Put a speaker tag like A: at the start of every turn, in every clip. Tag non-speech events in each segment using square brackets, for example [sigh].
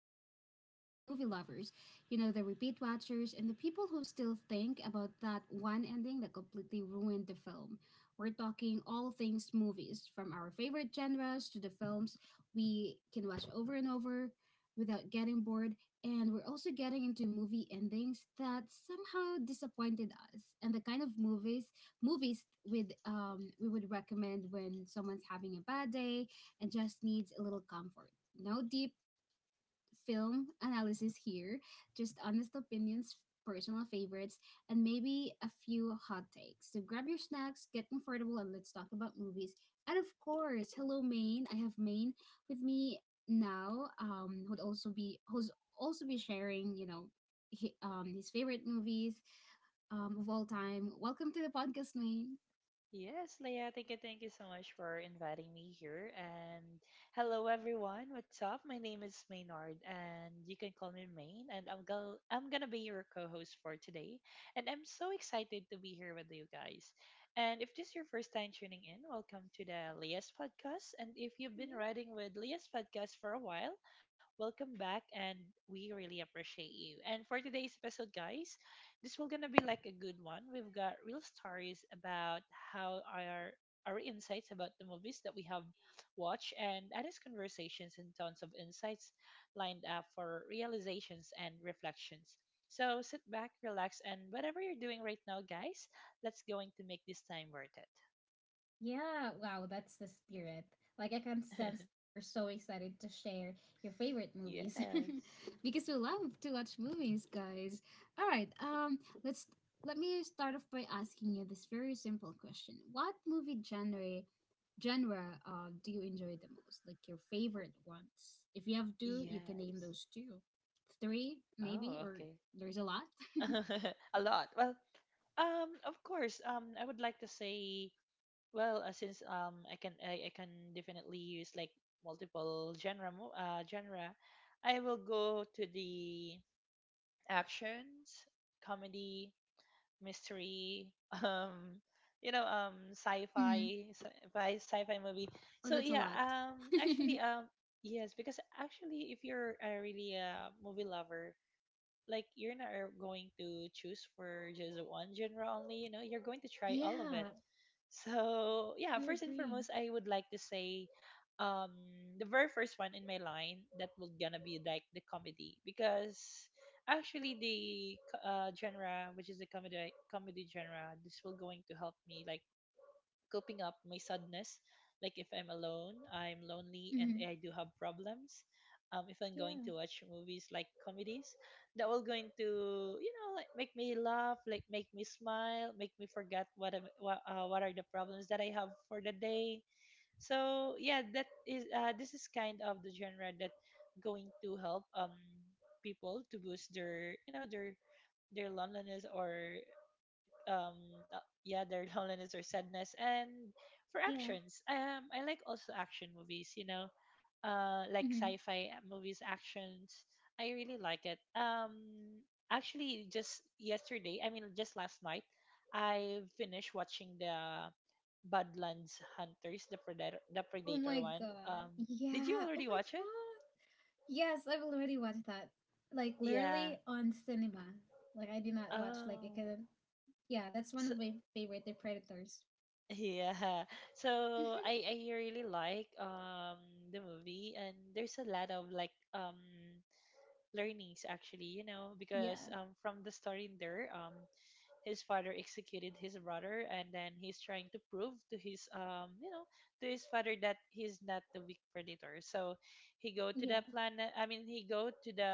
A: is for the movie lovers, you know, the repeat watchers and the people who still think about that one ending that completely ruined the film. We're talking all things movies, from our favorite genres to the films we can watch over and over without getting bored. And we're also getting into movie endings that somehow disappointed us and the kind of movies movies with we would recommend when someone's having a bad day and just needs a little comfort. No deep film analysis here, just honest opinions, personal favorites, and maybe a few hot takes. So grab your snacks, get comfortable, and let's talk about movies. And of course, hello Maine. I have Maine with me now. Who's also be sharing, you know, hi his favorite movies of all time. Welcome to the podcast, Maine.
B: Yes, Leah, thank you, so much for inviting me here. And hello, everyone. What's up? My name is Maynard, and you can call me Main. And I'm gonna be your co-host for today. And I'm so excited to be here with you guys. And if this is your first time tuning in, welcome to the Leah's podcast. And if you've been riding with Leah's podcast for a while, welcome back, and we really appreciate you. And for today's episode, guys, this will gonna be like a good one. We've got real stories about how our insights about the movies that we have watched and honest conversations and tons of insights lined up for realizations and reflections. So sit back, relax, and whatever you're doing right now, guys, that's going to make this time worth
A: Yeah, wow, that's the spirit. Like, I can sense
B: it.
A: that you're so excited to share your favorite movies.
B: [laughs] Yes.
A: [laughs] Because we love to watch movies, guys. All right, let me start off by asking you this very simple question: what movie genre do you enjoy the most? Like your favorite ones? If you have two, you can name
B: Yes.
A: those two, three
B: Oh,
A: maybe,
B: okay.
A: or there's a lot.
B: [laughs] A lot. Well, of course. I would like to say, well, since I can definitely use like multiple genre, I will go to the actions, comedy, mystery, [laughs] um you know,
A: hmm
B: sci-fi movie.
A: Oh,
B: So
A: that's a
B: yeah,
A: lot. [laughs] Mm-hmm.
B: actually yes, because actually if you're a really a movie lover, like you're not are going to choose for just one genre only, you know, you're going to try all of
A: Yeah,
B: it. So
A: I
B: yeah, first and
A: agree.
B: foremost, I would like to say um the very first one in my line that will gonna be like the comedy, because actually the genre, which is the comedy genre, this will going to help me like coping up my sadness. Like if I'm alone, I'm lonely, and
A: hmm
B: I do have problems. If I'm
A: Yeah,
B: going to watch movies like comedies, that will going to, you know, like make me laugh, like make me smile, make me forget what are the problems that I have for the day. So yeah, that is this is kind of the genre that going to help people to boost their, you know, their loneliness or um yeah, their [laughs] loneliness or sadness. And for
A: yeah.
B: actions, I like also action movies, you know, like
A: hmm
B: sci-fi movies, actions. I really like it. Actually just yesterday, I mean just last night, I finished watching the Badlands Hunters, the Predator,
A: Oh my
B: one.
A: god.
B: Did you
A: Yeah. Oh
B: already
A: my
B: watch it?
A: god. Yes, I've already watched that. Like
B: Yeah.
A: literally on cinema. Like I did not watch like it
B: Oh,
A: could, yeah, that's one
B: so
A: of my favorite, the Predators. [laughs]
B: yeah. So I really like the movie, and there's a lot of like learnings actually, you know, because
A: Yeah.
B: from the story in there, his father executed his brother, and then he's trying to prove to his, you know, to his father that he's not the weak predator. So
A: Yeah.
B: he go to the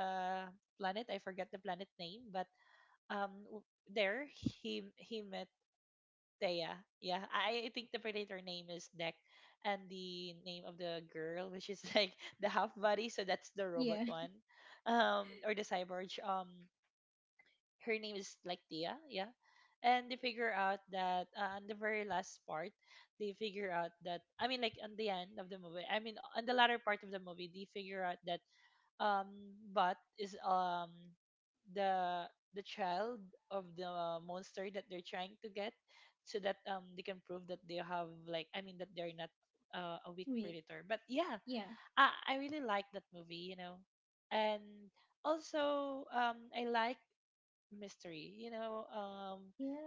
B: planet, I forgot the planet name, but um w- there he met Thea. Yeah, I think the predator name is Deck, and the name of the girl, which is like [laughs] the half body, so that's the robot
A: Yeah.
B: one,
A: [laughs]
B: or the cyborg. Her name is like Thea. Yeah, and they figure out that, on the very last part, they figure out that, I mean, like on the end of the movie, I mean, on the latter part of the movie, they figure out that um but is the the child of the monster that they're trying to get, so that they can prove that they have like, I mean that they're not a weak
A: We,
B: predator. But yeah,
A: yeah.
B: I really like that movie, you know. And also, I like mystery, you know,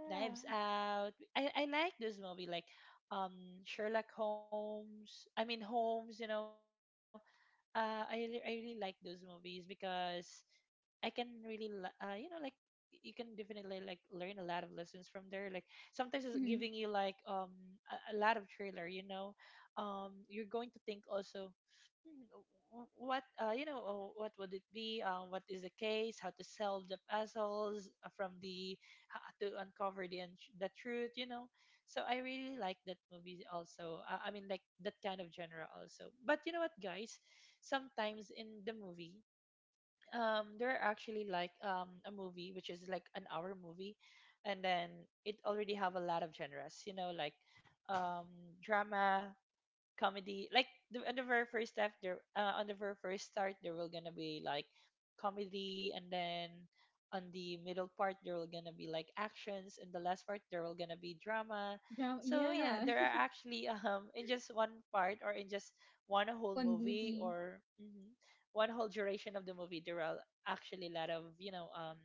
B: Knives Out, I like this movie. Like um Sherlock Holmes, Holmes, you know, I really like those movies because I can really, you know, like you can definitely like learn a lot of lessons from there. Like sometimes it's giving you
A: Mm-hmm.
B: like a lot of trailer, you know, you're going to think also, "Hmm, wh- what you know what would it be? What is the case? How to solve the puzzles, from the how to uncover the truth, you know." So I really like that movie also. I mean, like that kind of genre also. But you know what, guys? Sometimes in the movie, there are actually like a movie which is like an hour movie, and then it already have a lot of genres, you know, like um drama, comedy. Like on the very first step there on the very first start, there will gonna be like comedy, and then on the middle part there will gonna be like actions, and the last part there will gonna be drama.
A: Drama.
B: So yeah,
A: Yeah.
B: there are actually [laughs] in just one part, or in just one
A: [laughs]
B: whole
A: One
B: movie
A: movie
B: or one whole duration of the movie, there are actually a lot of, you know,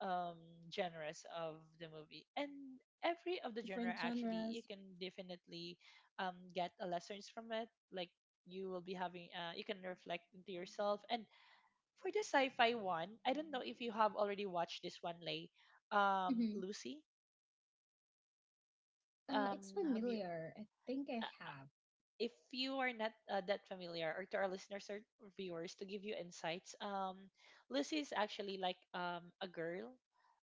B: um genres of the movie, and
A: genre,
B: every of
A: like
B: the genre
A: different
B: actually you
A: genres.
B: can definitely get a lessons from it. Like you will be having, you can reflect into yourself. And for the sci-fi one, I don't know if you have already watched this one, Lay.
A: Mm-hmm.
B: Lucy.
A: It's
B: Have you
A: familiar. I think I
B: uh, uh,
A: have.
B: if you are not that familiar, or to our listeners or viewers, to give you insights, Lucy is actually like a girl.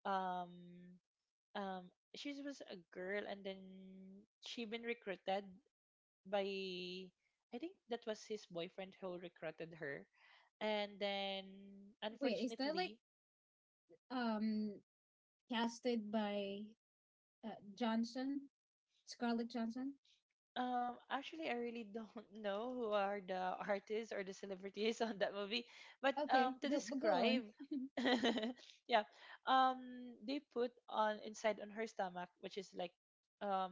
B: um um she was a girl, and then she been recruited by, I think that was his boyfriend who recruited her. And then
A: Wait, is that like
B: unfortunately,
A: um casted by uh, Johnson, Scarlett Johnson?
B: actually I really don't [laughs] know who are the artists or the celebrities on that movie, but
A: Okay,
B: to
A: go, but go on.
B: describe, [laughs] yeah, um they put on inside on her stomach, which is like um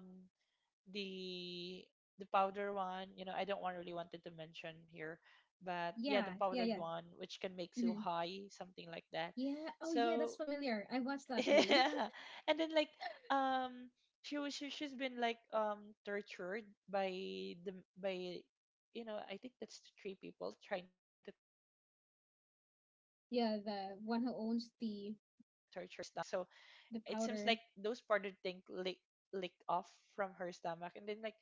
B: the the powder one, you know, I don't want really wanted to mention here, but yeah,
A: Yeah,
B: the
A: yeah,
B: powdered
A: yeah.
B: one which can make you
A: Mm-hmm.
B: high, something like that.
A: Yeah. Oh, yeah. That's
B: So
A: familiar. I watched that,
B: [laughs]
A: main.
B: yeah, and then like um she, she's been like tortured by the by you know, I think that's three people trying to torture her, while
A: [laughs] Yeah,
B: the that
A: the one who
B: powdered
A: owns
B: thing is on her stomach. So
A: the
B: it seems like
A: powder.
B: those powdered thing licked off from her stomach, and then like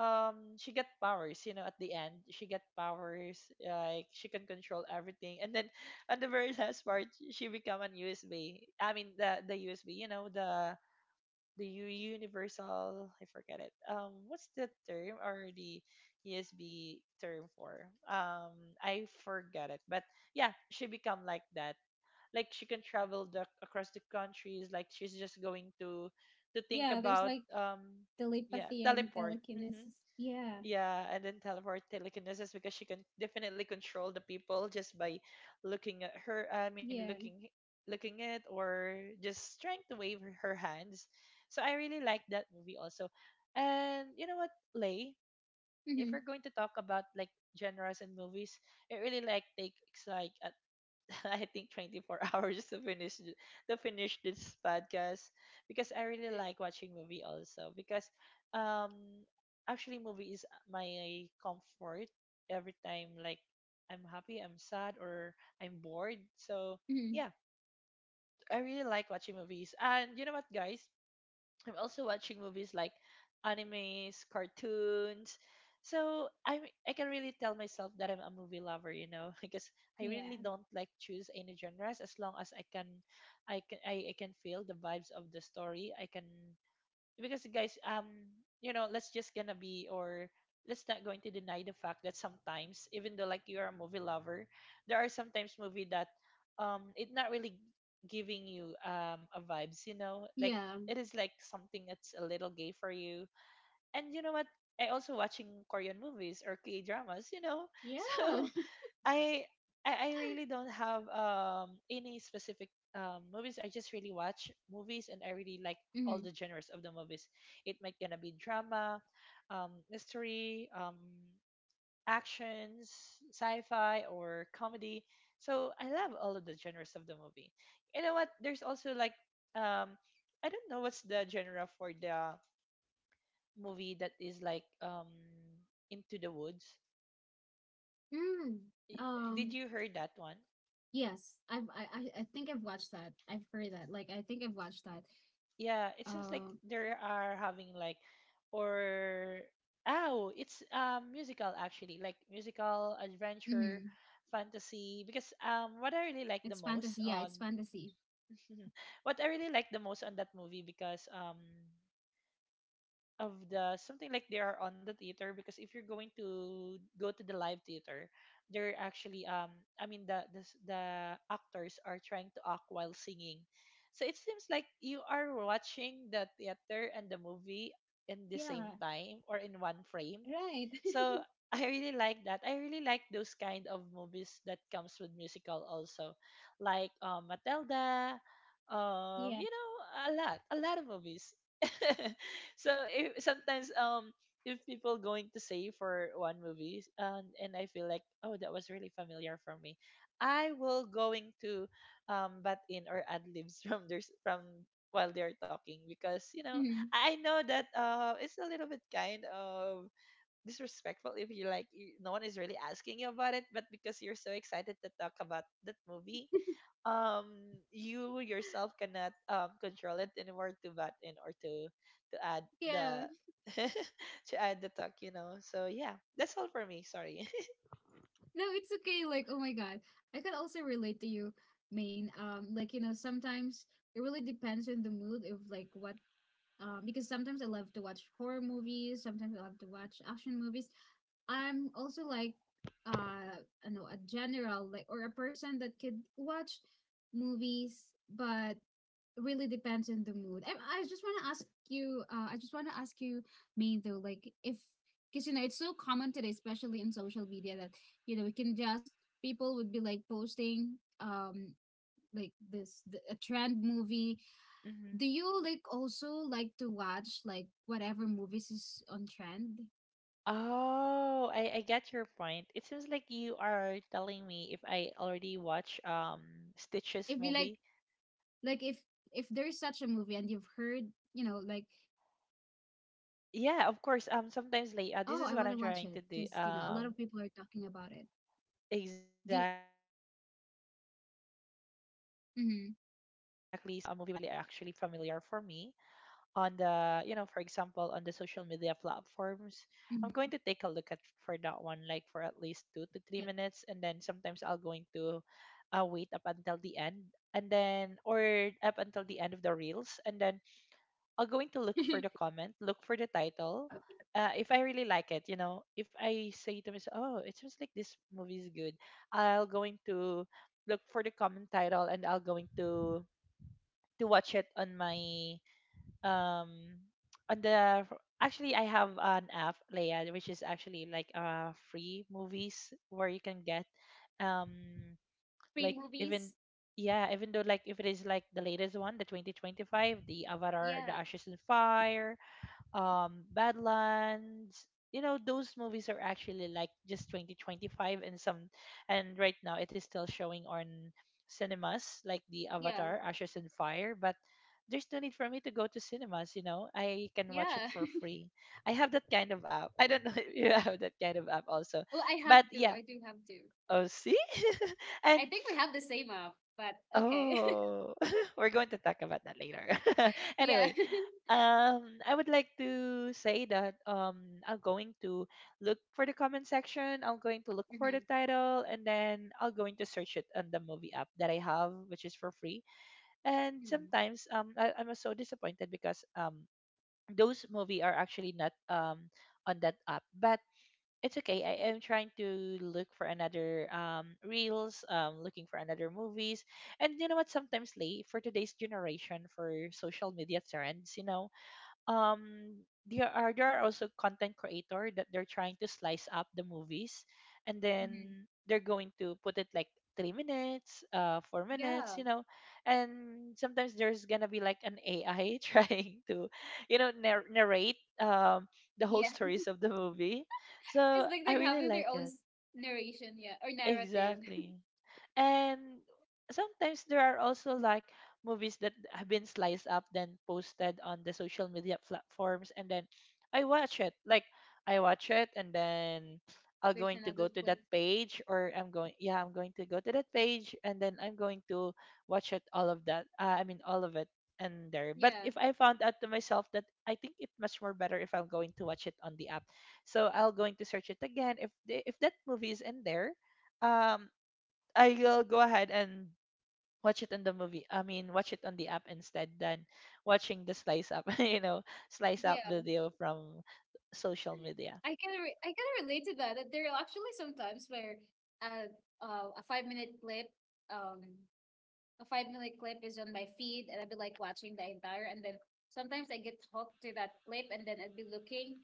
B: she got powers, you know. At the end she got powers, like she can control everything. And then at the very [laughs] last part, she become an USB, the USB, you know, the the U- universal, I forget it, what's the term, or the USB term for, I forgot it, but yeah, she become like that. Like she can travel across the countries, like she's just going to, think
A: Yeah, there's
B: about
A: like
B: yeah,
A: telepathy and
B: teleport. Hmm,
A: telekinesis. Yeah,
B: yeah, and then teleport, telekinesis, because she can definitely control the people just by looking at her. I mean,
A: yeah.
B: looking at, or just trying to wave her hands. So I really like that movie also. And you know what, Lay? If
A: Mhm.
B: we're going to talk about like genres and movies, I really like takes like [laughs] I think 24 [laughs] hours to to finish this
A: Yeah. [laughs]
B: podcast, because I really like watching movie also, because um actually movie is my comfort every time, like I'm happy, I'm sad, or I'm bored. So
A: Mhm.
B: yeah, I really like watching movies. And you know what, guys? I'm also watching movies like animes, cartoons. So I can really tell myself that I'm a movie lover, you know, [laughs] because I really
A: Yeah.
B: don't like choose any genres, as long as I can feel the vibes of the story. I can, because guys, you know, let's just gonna be or let's not going to deny the fact that sometimes even though like you're a movie lover, there are sometimes movie that it not really giving you a vibes, you know, like
A: Yeah.
B: it is like something that's a little gay for you. And you know what, I also watching Korean movies or k dramas you know. [laughs]
A: Yeah.
B: so I I really don't have any specific movies. I just really watch movies, and I really like all
A: hmm
B: the genres of the movies. It might gonna be drama, mystery, actions, sci-fi, or comedy. So I love all of the genres of the movie. You know what? There's also like um I don't know what's the genre for the movie that is like, Into the Woods.
A: Mm.
B: I- Did
A: Um.
B: you heard that one?
A: Yes, I think I've watched that. I've heard that. Like I think I've watched that.
B: Yeah, it seems like
A: Um.
B: they are having like or oh it's musical actually, like musical adventure
A: hmm
B: fantasy. Because what I really
A: It's
B: like the
A: fantasy.
B: most
A: Yeah, it's
B: on
A: fantasy.
B: [laughs] what I really like the most on that movie, because of the something like they are on the theater. Because if you're going to go to the live theater, they're actually I mean the actors are trying to act while singing, so it seems like you are watching the theater and the movie in the same
A: Yeah.
B: time or in one frame.
A: Right. [laughs]
B: So I really like that. I really like those kind of movies that comes with musical also, like Matilda,
A: Yeah.
B: a lot of movies. [laughs] So if, sometimes if people going to say for one movie and I feel like oh that was really familiar for me, I will going to butt in or ad libs [laughs] from while they're talking. Because you know
A: hmm
B: I know that it's a little bit kind of disrespectful if you like you, no one is really asking you about it. But because you're so excited to talk about that movie, um you yourself cannot control it anymore to butt in or to add the
A: Yeah.
B: [laughs] to add the talk, you know. So yeah, that's all for me, sorry. [laughs]
A: No, it's okay. Like, oh my God. I could also relate to you, Maine. Like, you know, sometimes it really depends on the mood of like what, because sometimes I love to watch horror movies, sometimes I love to watch action movies. I'm also like uh I know a general like or a person that could watch movies, but really depends on the mood. I just want to ask you I just want to ask you, main though, like if, because you know it's so common today, especially in social media, that you know we can just, people would be like posting, um like this the, a trend movie,
B: Mm-hmm.
A: do you like also like to watch like whatever movies is on trend?
B: Oh, I get your point. It seems like you are telling me if I already watch Stitch's
A: If you like
B: movie.
A: like if there's such a movie and you've heard, you know, like you've heard that a lot of people are talking
B: Yeah,
A: about
B: of
A: it. So
B: course.
A: it's like,
B: Sometimes like this
A: oh,
B: is
A: I
B: what
A: want
B: I'm
A: to watch
B: trying to
A: it
B: do.
A: because, you know, a lot of people are talking about it.
B: Exactly.
A: Do,
B: So this is actually what I'm doing. If I can see
A: mm-hmm,
B: a movie which is not really actually familiar for me on the, you know, for example, on the social media
A: hmm,
B: platforms, I'm going to take a look at for that one, like for at least two
A: yeah.
B: to three minutes, and then sometimes I'll going to wait up until the end, and then or up until the end of the reels, and then I'll going to look for the comment, look for the title. If I really like it, you know, if I say to myself, "Oh, it seems like this movie is good," I'll going to look for the comment title and I'll going to watch it on my um on the actually I have an app, Leia, which is actually like free movies where you can get um
A: [laughs] Free
B: like
A: movies.
B: even yeah, even though like if it is like the latest one, the 2025, the Avatar, the
A: Yeah,
B: Ashes and Fire, Badlands. You know, those movies are actually like just 2025 and some, and right now it is still showing on cinemas like the
A: yeah,
B: Avatar, Ashes and Fire, but there's no need for me to go to cinemas, you know. I can watch it
A: yeah.
B: for
A: [laughs]
B: free. I have that kind of app. I don't know [laughs] if you have that kind of app also.
A: Well, I have
B: But
A: two.
B: yeah,
A: I do have two.
B: oh see? [laughs] And
A: I think we have the same app, but okay.
B: oh, [laughs] we're going to talk about that later. [laughs]
A: [laughs] Yeah.
B: Anyway,
A: [laughs]
B: I would like to say that I'm going to look for the comment section. I'm going to look for the
A: hmm
B: title, and then I will going to search it on the movie app that I have, which is for free. And
A: hmm
B: sometimes I'm so disappointed because those movie are actually not on that app, but it's okay. I am trying to look for another reels, looking for another movies. And you know what, sometimes late for today's generation for social media trends, you know, there are also content creator that they're trying to slice up the movies and
A: hmm
B: then they're going to put it like 3 minutes 4 minutes,
A: Yeah.
B: you know. And sometimes there's gonna be like an ai [laughs] trying to you know narrate the whole
A: Yeah.
B: stories of the movie, so
A: It's like
B: I
A: they're
B: really
A: having their
B: like
A: own
B: it.
A: s- narration, yeah, or narrative. [laughs]
B: Exactly. And sometimes there are also like movies that have been sliced up then posted on the social media platforms, and then I watch it. Like I watch it and then I'm
A: There's
B: going to go
A: another
B: to
A: clip.
B: that page or I'm going yeah, I'm going to go to that page and then I'm going to watch it all of that. I mean all of it and there. But
A: Yeah,
B: if I found out to myself that I think it much more better if I'm going to watch it on the app. So I'll going to search it again. If that movie is in there, um I'll go ahead and watch it in the movie. I mean, watch it on the app instead than watching the slice up, [laughs] you know, slice up
A: yeah.
B: video from social media.
A: I can relate to that. That there are actually sometimes where uh, a 5-minute clip, um, a 5-minute clip is on my feed, and I'd be like watching the entire, and then sometimes I get hooked to that clip, and then I'd be looking,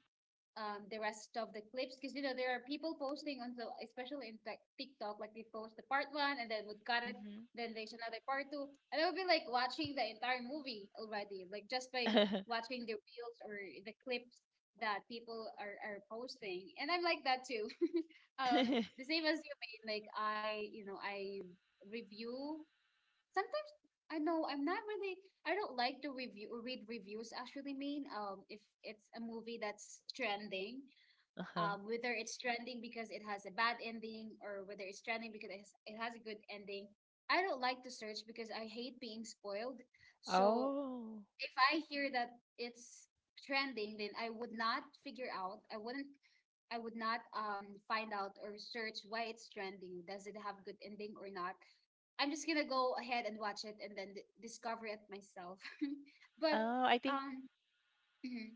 A: the rest of the clips because you know there are people posting on the especially in TikTok, like they post the part one and then would cut it,
B: Mm-hmm.
A: then there's another part two, and I would be like watching the entire movie already, like just by
B: [laughs]
A: watching the reels or the clips that people are posting, and I'm like that too. [laughs] Um, the same as you, made like I review sometimes. I know I'm not really, I don't like to review, read reviews actually, mean um, if it's a movie that's trending,
B: Uh-huh.
A: um, whether it's trending because it has a bad ending, or whether it's trending because it has a good ending, I don't like to search because I hate being spoiled. So
B: Oh.
A: if I hear that it's trending, then I would not figure out. I wouldn't. I would not find out or search why it's trending. Does it have good ending or not? I'm just gonna go ahead and watch it and then discover it myself. [laughs] But
B: Oh, I think
A: um, [clears throat] yeah,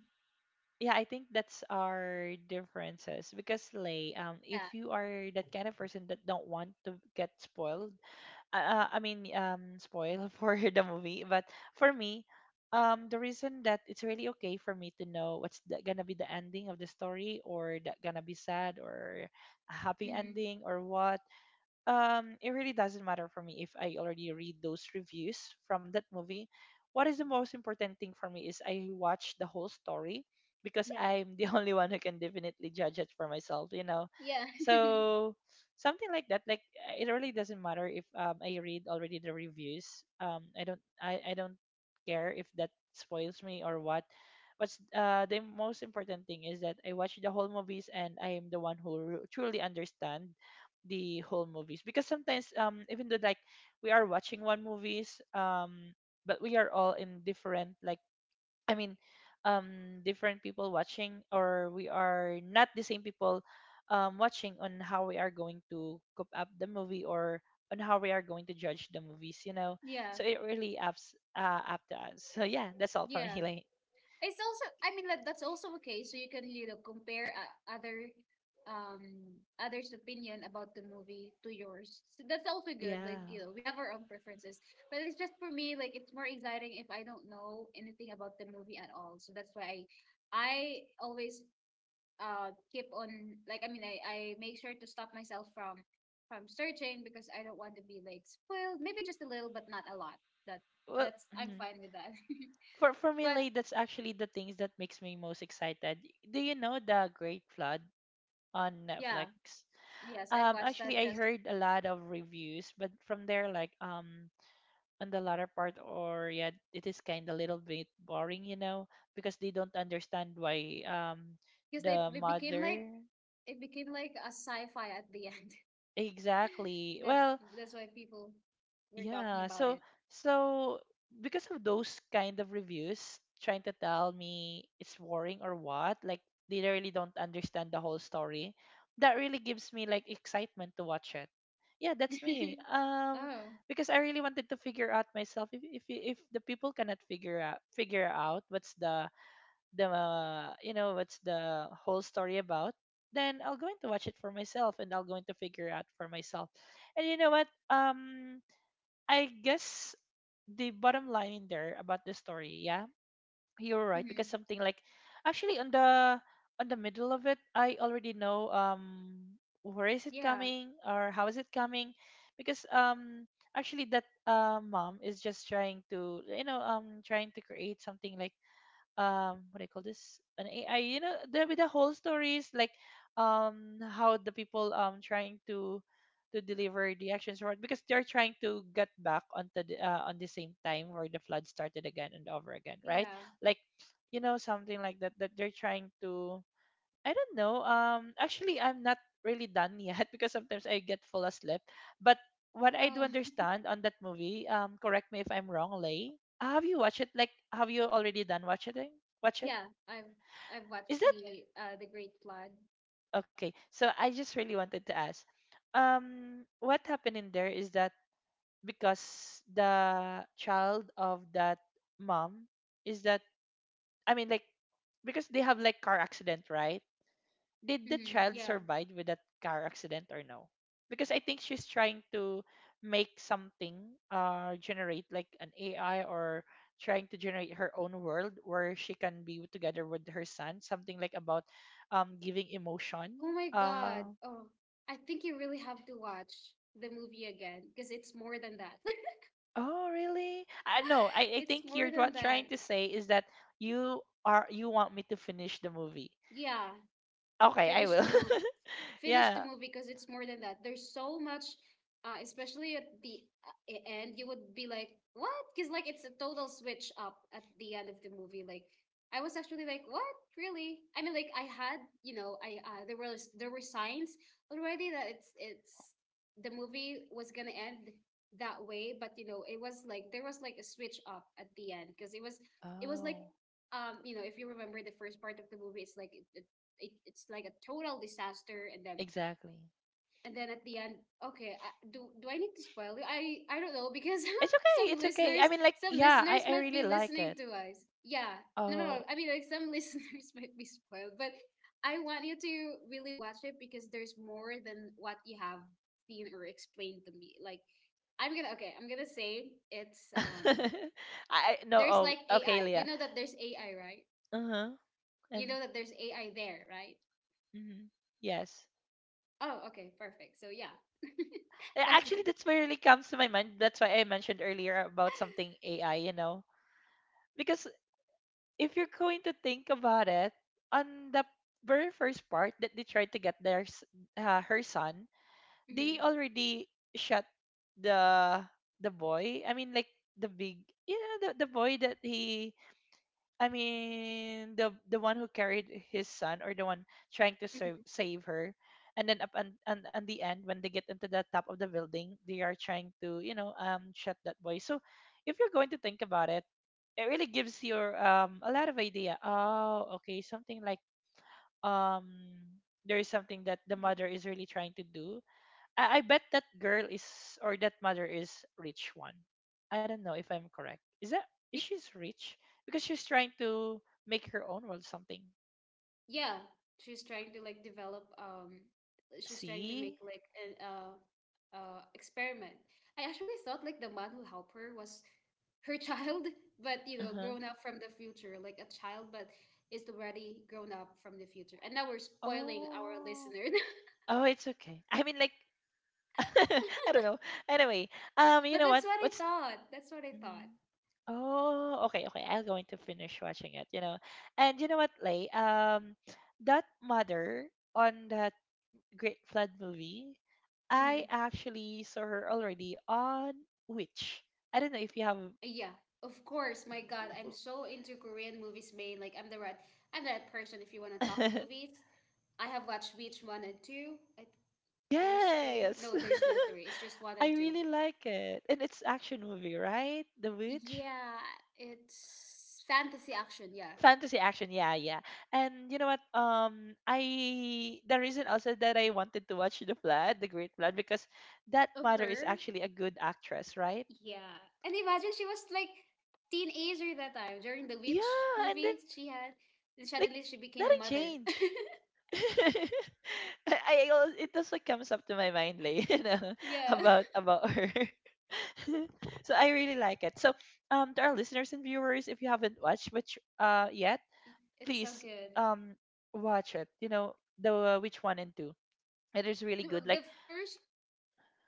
B: yeah, I think that's our differences. Because Lay, if you are that kind of person that don't want to get spoiled, I mean, spoil [laughs] for the movie. But for me, the reason that it's really okay for me to know what's the, gonna be the ending of the story, or that gonna be sad, or a happy
A: mhm,
B: ending, or what, it really doesn't matter for me if I already read those reviews from that movie. What is the most important thing for me is I watch the whole story, because
A: yeah,
B: I'm the [laughs] only one who can definitely judge it for myself, you know.
A: yeah,
B: So something like that, like it really doesn't matter if I read already the reviews. I don't care if that spoils me or what. What's the most important thing is that I watch the whole movies and I am the one who truly understand the whole movies. Because sometimes even though like we are watching one movies, but we are all in different like I mean different people watching, or we are not the same people watching on how we are going to cope up the movie, or on how we are going to judge the movies, you know.
A: [laughs] yeah,
B: So it really ups up to us. So yeah, that's all for
A: yeah.
B: me [laughs] like
A: It's also, I mean, like that's also okay. So you can, you know, compare other, others' opinion about the movie to yours. So that's also good.
B: yeah
A: Like, you know, we have our own preferences. But it's just for me, like, it's more exciting if I don't know anything about the movie at all. So that's why I always keep on, like I mean, I make sure to stop myself from searching because I don't want to be like spoiled. Maybe just a little, but not a lot. That
B: well
A: that's, I'm
B: mhm.
A: fine with that. [laughs]
B: For me
A: But
B: like that's actually the things that makes me most excited. Do you know the Great Flood on
A: yeah,
B: Netflix?
A: yes, I watched
B: Actually,
A: that
B: I
A: just
B: heard a lot of reviews, but from there, like on the latter part, or yeah, it is kind of little bit boring, you know, because they don't understand why
A: because
B: the
A: it became like,
B: mother
A: it became like a sci-fi at the end.
B: exactly.
A: [laughs] That's
B: Well,
A: that's why people were talking
B: yeah,
A: about
B: so
A: it.
B: so because of those kind of reviews trying to tell me it's boring or what, like they really don't understand the whole story, that really gives me like excitement to watch it. Yeah, that's me.
A: [laughs] Oh,
B: Because I really wanted to figure out myself if the people cannot figure out what's the you know what's the whole story about, then I'll go in to watch it for myself and I'll go in to figure out for myself. And you know what? I guess the bottom line in there about the story, yeah, you're right. Because
A: hmm
B: something like actually on the middle of it, I already know where is it
A: yeah,
B: coming or how is it coming. Because actually that mom is just trying to you know trying to create something like what do you call this, an AI, you know, the, with the whole stories, like how the people trying to deliver the actions for it. Because they're trying to get back onto the on the same time where the flood started again and over again, right?
A: yeah.
B: Like you know something like that, that they're trying to I don't know. Actually, I'm not really done yet [laughs] because sometimes I get full asleep. But what I do
A: Oh,
B: understand on that movie, correct me if I'm wrong, Lay. Have you watched it? Like, have you already done watch it? Watch it?
A: yeah. I've
B: Is
A: watched
B: that
A: the Great Flood.
B: okay? So I just really wanted to ask. What happened in there is that because the child of that mom is that I mean like because they have like car accident, right? Did the
A: Yeah.
B: child survive with that car accident or no? Because I think she's trying to make something, generate like an AI or trying to generate her own world where she can be together with her son. Something like about, giving emotion.
A: Oh my God.
B: Uh,
A: Oh, I think you really have to watch the movie again because it's more than that. [laughs]
B: oh really? I no. I
A: It's
B: think you're
A: more than
B: what trying
A: that.
B: to say is that you are you want me to finish the movie.
A: Yeah,
B: Okay, I
A: finish
B: will.
A: the movie,
B: [laughs]
A: finish the
B: Yeah.
A: movie because it's more than that, there's so much, especially at the end, you would be like what, because like it's a total switch up at the end of the movie. Like I was actually like what, really, I mean, like I had, you know, I there were, there were signs already that it's the movie was gonna end that way, but you know it was like there was like a switch up at the end because it was, it was like,
B: Oh,
A: um, you know if you remember the first part of the movie, it's like it, it's like a total disaster and then,
B: exactly.
A: and then at the end, okay, do, do I need to spoil you? I don't know because
B: It's
A: [laughs]
B: okay.
A: some
B: It's okay.
A: listeners,
B: I mean, like,
A: some
B: yeah,
A: listeners
B: I
A: might
B: really
A: be
B: like
A: listening
B: it.
A: to us. Yeah, no no no,
B: Oh,
A: I mean like some [laughs] listeners might be spoiled, but I want you to really watch it because there's more than what you have seen or explained to me. Like I'm gonna, okay, I'm gonna say it's
B: [laughs]
A: um,
B: I no.
A: there's like
B: Oh, okay,
A: AI, you
B: Leah.
A: know that there's AI, right?
B: Uh huh.
A: You
B: And
A: know that there's AI there, right?
B: mhm, yes,
A: Oh, okay, perfect. So yeah, [laughs] that's it.
B: Actually, that's where really comes to my mind. That's why I mentioned earlier about something AI. You know, because if you're going to think about it, on the very first part that they tried to get her son, they
A: Mhm,
B: already shot the the boy. I mean, like the big, the boy that he, I mean, the one who carried his son, or the one trying to save
A: mhm,
B: save her. And then up and the end, when they get into the top of the building, they are trying to shut that boy. So, if you're going to think about it, it really gives you a lot of idea. Oh, okay, something like um there is something that the
A: mhm.
B: mother is really trying to do. I bet that girl is, or that mother is, rich one. I don't know if I'm correct. Is that, is
A: Y-
B: she's rich? Because she's trying to make her own world something.
A: Yeah, she's trying to like develop. She's trying to make
B: See?
A: like an experiment. I actually thought like the man who helped her was her child, [laughs] but you know,
B: Uh-huh.
A: grown up from the future, like a child, but is already grown up from the future. And now we're spoiling our
B: Oh.
A: listeners. [laughs]
B: Oh, it's okay. I mean like, [laughs] I don't know. Anyway,
A: But that's what I
B: What's?
A: thought. That's what I thought.
B: Mhm. Oh, okay, okay. I'm going to finish watching it. And you know what, Lay? That mother on the Great Flood movie, I
A: Mm-hmm.
B: actually saw her already on Witch. I don't know if you have.
A: Yeah, of course. My God, I'm so into Korean movies, man. Like I'm the right person. If you want to talk
B: [laughs]
A: movies, I have watched Beach one and two. I, there's three. No,
B: Yes,
A: there's no three.
B: [laughs]
A: It's just one
B: I
A: and two.
B: really like it, and it's action movie, right? The Witch,
A: Yeah, it's fantasy action. Yeah,
B: fantasy action. Yeah, yeah. And you know what? I the reason also that I wanted to watch the Flood, the Great Flood, because that
A: of
B: mother is
A: her.
B: actually a good actress, right?
A: Yeah, and imagine she was like teenager that time during the
B: Yeah,
A: Witch
B: and then
A: movie she had, and
B: like
A: suddenly she became a
B: nothing
A: mother. [laughs]
B: changed. [laughs] I, it also comes up to my mind, like, [laughs] you know,
A: Yeah,
B: about about her. [laughs] So I really like it. So to our listeners and viewers, if you haven't watched which yet,
A: [laughs] it's so
B: please
A: good.
B: um watch it. You know, the which one and two. It is really
A: The,
B: good. Like,
A: the first,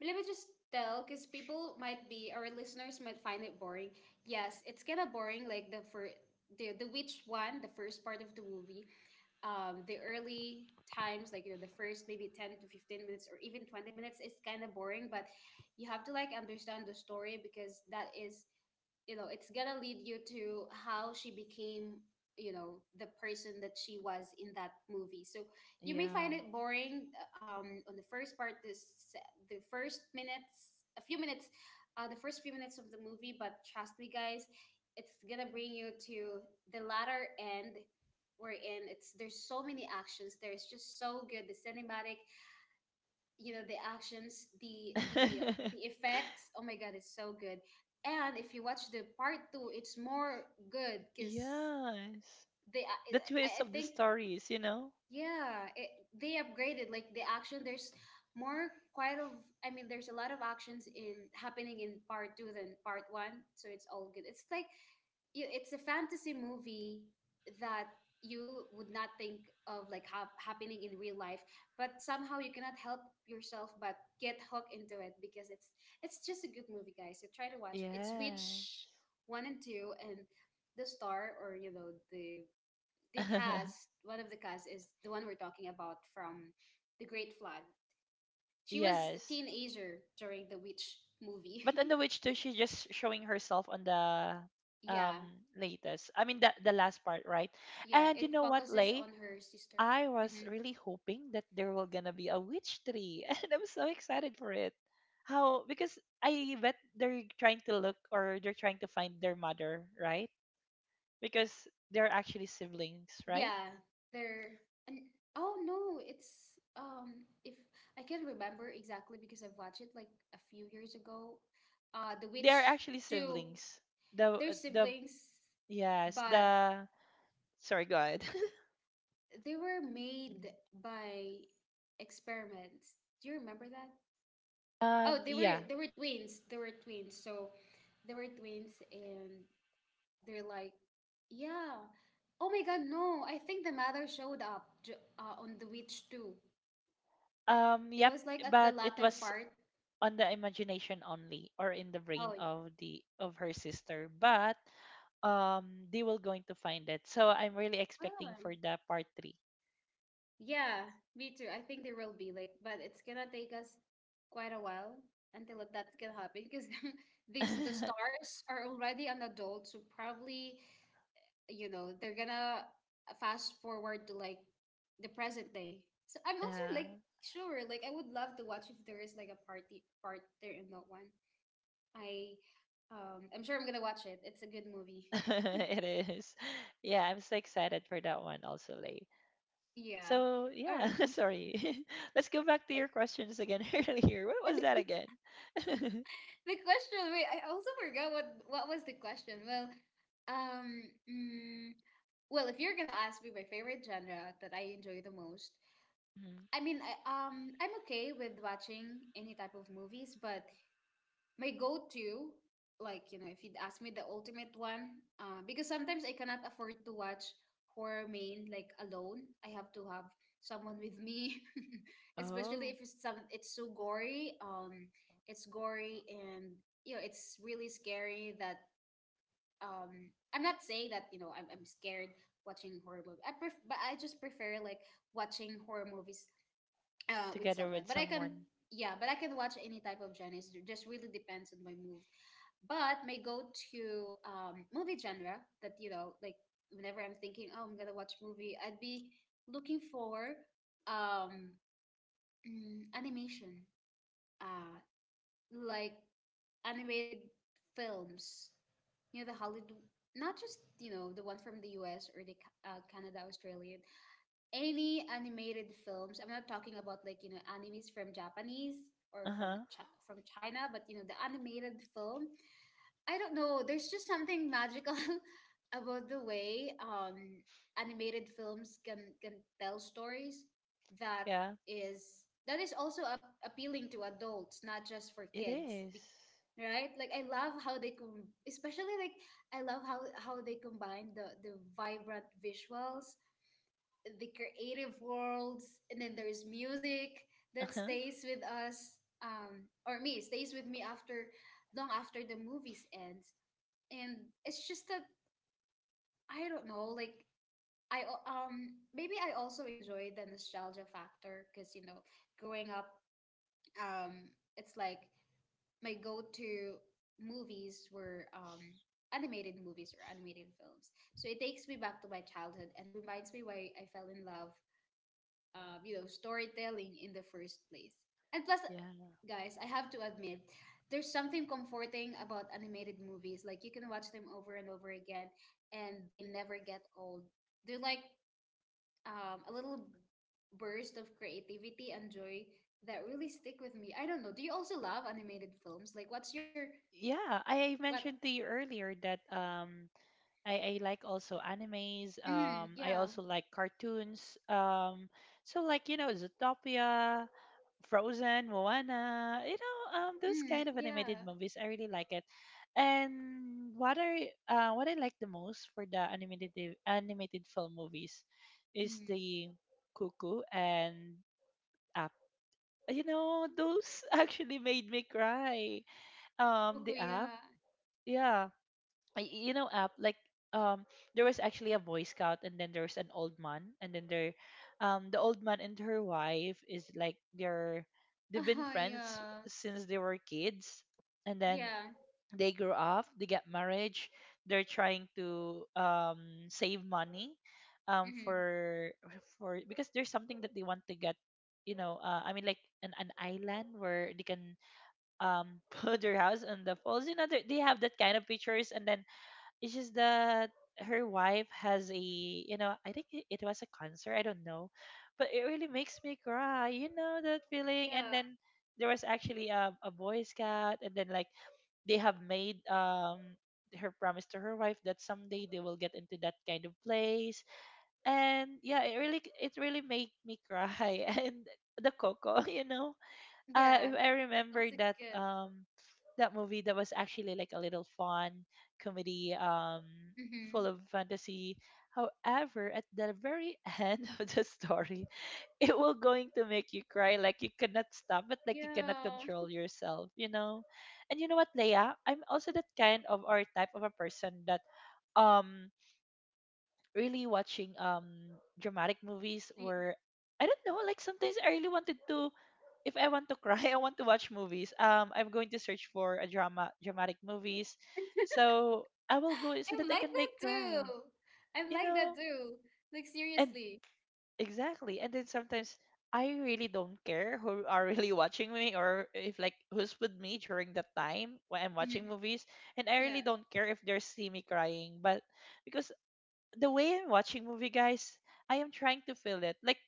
A: let me just tell, because people might be, our listeners might find it boring. Yes, it's kind of boring, like the for the the witch one, the first part of the movie. The early times, like you know, the first maybe 10 to 15 minutes or even 20 minutes, is kind of boring. But you have to like understand the story, because that is, you know, it's gonna lead you to how she became, you know, the person that she was in that movie. So you may
B: yeah,
A: find it boring on the first part, this the first minutes, a few minutes, the first few minutes of the movie. But trust me guys, it's gonna bring you to the latter end. We're in it's There's so many actions, there's just so good, the cinematic, you know, the actions, the the
B: [laughs]
A: effects. Oh my god, it's so good. And if you watch the part two, it's more good because
B: yes,
A: they i,
B: the
A: I
B: twist
A: I
B: of the
A: think.
B: stories. You know,
A: Yeah, they upgraded like the action. There's more, quite of I mean, there's a lot of actions in happening in part two than part one. So it's all good. It's like you, it's a fantasy movie that you would not think of, like happening in real life, but somehow you cannot help yourself but get hooked into it, because it's just a good movie guys, so try to watch it. It's
B: yeah,
A: Witch one and two. And the star, or you know, the
B: [laughs]
A: cast, one of the cast is the one we're talking about from the Great Flood. She was a
B: yes.
A: teenager during the Witch
B: But on
A: movie.
B: the witch too, she's just showing herself on the
A: [laughs] Yeah.
B: um latest. I mean the last part, right?
A: Yeah,
B: And you
A: it
B: know what,
A: focuses
B: Lay?
A: on her sister.
B: I was
A: Mm-hmm.
B: really hoping that there will gonna be a witch tree, [laughs] and I'm so excited for it. How? Because I bet they're trying to look, or they're trying to find their mother, right? Because they're actually siblings, right?
A: Yeah, they're and, oh no, it's if I can remember exactly, because I've watched it like a few years ago. The
B: They are
A: Witch
B: actually
A: two,
B: siblings. The
A: they're
B: the
A: siblings,
B: Yes,
A: but
B: the, sorry, go ahead. [laughs]
A: they were made by experiments. Do you remember that? Oh,
B: Yeah.
A: they were twins. They were twins. So they were twins and they're like, yeah. Oh my god, no. I think the mother showed up on the Witch too. It
B: Yep.
A: was like at the
B: But it
A: latter
B: was
A: part.
B: on the imagination only, or in the brain
A: Oh,
B: of the of her sister. But um they will going to find it, so I'm really expecting
A: well,
B: for the part three.
A: yeah, me too. I think there will be like, but it's gonna take us quite a while until that can happen, because [laughs] these, the
B: [laughs]
A: stars are already an adult, so probably you know they're gonna fast forward to like the present day. So I'm also
B: Yeah.
A: like sure, like I would love to watch if there is like a part there in that one. I I'm sure I'm gonna watch it. It's a good movie.
B: [laughs]
A: [laughs]
B: It is. Yeah, I'm so excited for that one also, Lay.
A: Yeah.
B: So
A: All
B: yeah,
A: right.
B: [laughs] sorry. [laughs] Let's go back to your questions again. [laughs] Earlier, what was that
A: [laughs]
B: again? [laughs]
A: The question. Wait, I also forgot what was the question. Well, um, mm, well, if you're gonna ask me my favorite genre that I enjoy the most,
B: Mhm.
A: I mean, I'm okay with watching any type of movies, but my go-to, like you know, if you'd ask me the ultimate one, because sometimes I cannot afford to watch horror, main like alone. I have to have someone with me. [laughs] Especially
B: Oh,
A: if it's some, it's so gory. It's gory, and you know it's really scary. That um I'm not saying that, you know, I'm scared watching horror movie. But I just prefer like watching horror movies with
B: together
A: someone.
B: with
A: But I can,
B: someone.
A: yeah, but I can watch any type of genres. It just really depends on my mood. But my go-to movie genre, that you know, like whenever I'm thinking, oh, I'm gonna watch movie, I'd be looking for um, animation, uh, like animated films. You know, the Hollywood, not just, you know, the one from the U.S. or Canada, Australia. Any animated films. I'm not talking about, like, you know, animes from Japanese or from
B: Uh-huh.
A: Chi from China, but you know, the animated film. I don't know, there's just something magical [laughs] about the way animated films can tell stories that
B: Yeah,
A: is also appealing to adults, not just for
B: it
A: kids.
B: is.
A: Right? Like I love how especially like I love how they combine the vibrant visuals, the creative worlds, and then there's music that
B: Uh-huh.
A: stays with us, or me stays with me after, long after the movies ends. And it's just that I don't know, like maybe I also enjoy the nostalgia factor, because you know growing up, um it's like my go-to movies were animated movies or animated films. So it takes me back to my childhood and reminds me why I fell in love, you know, storytelling in the first place. And plus,
B: Yeah.
A: guys, I have to admit, there's something comforting about animated movies. Like you can watch them over and over again, and they never get old. They're like a little burst of creativity and joy that really stick with me. I don't know. Do you also love animated films? Like, what's your
B: Yeah, I
A: what?
B: mentioned to you earlier that I like also animes.
A: Mm,
B: I
A: yeah.
B: also like cartoons. So, like, you know, Zootopia, Frozen, Moana. You know, those
A: Mm,
B: kind of animated
A: yeah.
B: movies. I really like it. And what I like the most for the animated film movies is
A: Mm.
B: the Cuckoo and Up. You know, those [laughs] actually made me cry.
A: Boku,
B: The Up.
A: yeah. [laughs]
B: Yeah, I- you know app like um there was actually a boy scout, and then there's an old man, and then there, the old man and her wife is, like, they're, they've been
A: Uh-huh,
B: friends
A: yeah.
B: since they were kids. And then
A: Yeah.
B: they grow up, they get marriage, they're trying to save money
A: Mm-hmm.
B: for, because there's something that they want to get, you know, an island where they can [laughs] put their house on the falls. You know, they have that kind of pictures. And then it's just that her wife has a, you know, I think it, it was a concert, I don't know, but it really makes me cry, you know, that feeling.
A: Yeah.
B: And then there was actually a Boy Scout, and then, like, they have made her promise to her wife that someday they will get into that kind of place. And yeah, it really, it really made me cry. [laughs] And the Coco, [laughs] you know, if
A: Yeah.
B: I remember
A: That's a
B: that,
A: good.
B: that movie, that was actually like a little fun comedy,
A: Mm-hmm.
B: full of fantasy. However, at the very end [laughs] of the story, it will going to make you cry, like you cannot stop it, like you cannot
A: Yeah.
B: control yourself, you know. And you know what, Leia? I'm also that kind of or type of a person that um
A: Mm-hmm.
B: really watching dramatic movies where, I don't know, like sometimes I really wanted to, if I want to cry, [laughs] I want to watch movies. Um, I'm going to search for a dramatic movies.
A: [laughs] I'm
B: So I will go, so that I
A: like
B: can
A: that
B: make
A: too.
B: cry.
A: I'm
B: You
A: like that
B: know?
A: too. Like
B: And
A: seriously.
B: exactly. And then sometimes I really don't care who are [laughs] really watching me, or if, like, who's with me during that time when I'm
A: Hmm.
B: watching movies. And I really
A: Yeah,
B: don't care if they see me crying. But because the way I'm watching movie, guys, I am trying to feel it. Like,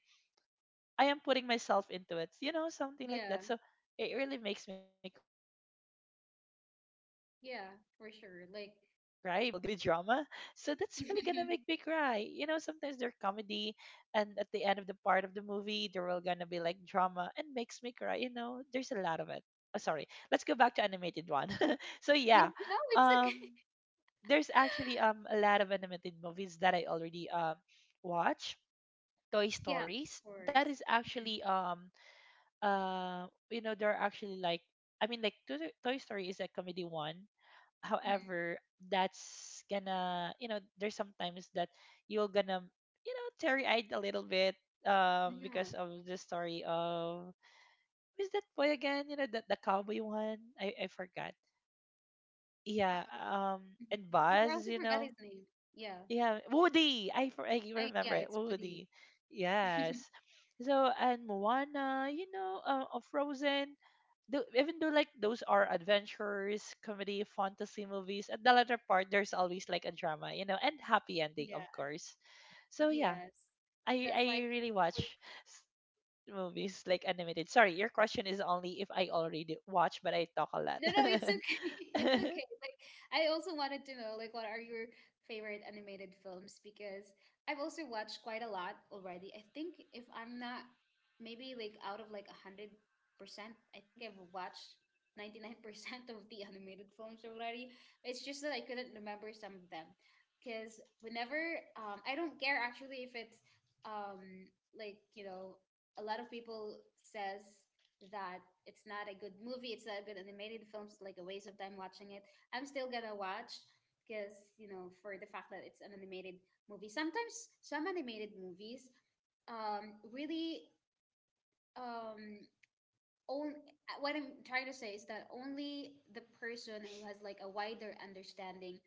B: I am putting myself into it, you know, something like
A: yeah,
B: that. So it really makes me cry because sometimes there are actually action movie
A: yeah,
B: that
A: for
B: at the end
A: sure.
B: of the
A: Like,
B: story there will [laughs] gonna be drama. So that's really gonna
A: [laughs]
B: make me cry. You know, sometimes they're comedy and at the end of the part of the movie there will gonna be like drama and makes me cry. You know, there's a lot of it. Oh, sorry. Let's go back to animated one. [laughs] So
A: yeah,
B: yeah.
A: no, it's okay.
B: Um
A: [laughs]
B: there's actually a lot of animated movies that I already watch. Toy
A: Yeah,
B: Stories,
A: of
B: that
A: course.
B: is
A: Hmm.
B: actually you know, there are actually like, I mean, like Toy Story is a comedy one.
A: Hmm.
B: However, that's gonna, you know, there's sometimes that you're gonna, you know, teary eyed a little bit, because
A: Yeah.
B: of the story of, who's that boy again, you know, the cowboy one, I forgot,
A: Uh,
B: yeah. Um,
A: mhm.
B: and
A: I
B: Buzz,
A: also
B: you
A: forgot
B: know.
A: his name. Yeah,
B: Yeah, Woody. I
A: I
B: remember
A: yeah,
B: it.
A: it's Woody.
B: Woody. Yes.
A: [laughs]
B: So, and Moana, you know, Frozen. Though, even though like those are adventures, comedy, fantasy movies, at the latter part there's always like a drama, you know, and happy ending,
A: Yeah,
B: of course. So yeah,
A: yes,
B: I
A: that's
B: I
A: like,
B: really watch s- movies like animated. Sorry, your question is only if I already watch, but I talk a lot.
A: no, no, it's okay. [laughs] It's okay.
B: [laughs]
A: Like I also wanted to know like what are your favorite animated films, because I've also watched quite a lot already. I think if I'm not, maybe like out of like 100%, I think I've watched 99% of the animated films already. It's just that I couldn't remember some of them, because whenever, I don't care actually if it's like, you know, a lot of people says that it's not a good movie, it's not a good animated film, it's like a waste of time watching it. I'm still gonna watch, because you know, for the fact that it's an animated movie. Sometimes some animated movies um, really um, on, what I'm trying to say is that only the person who has like a wider understanding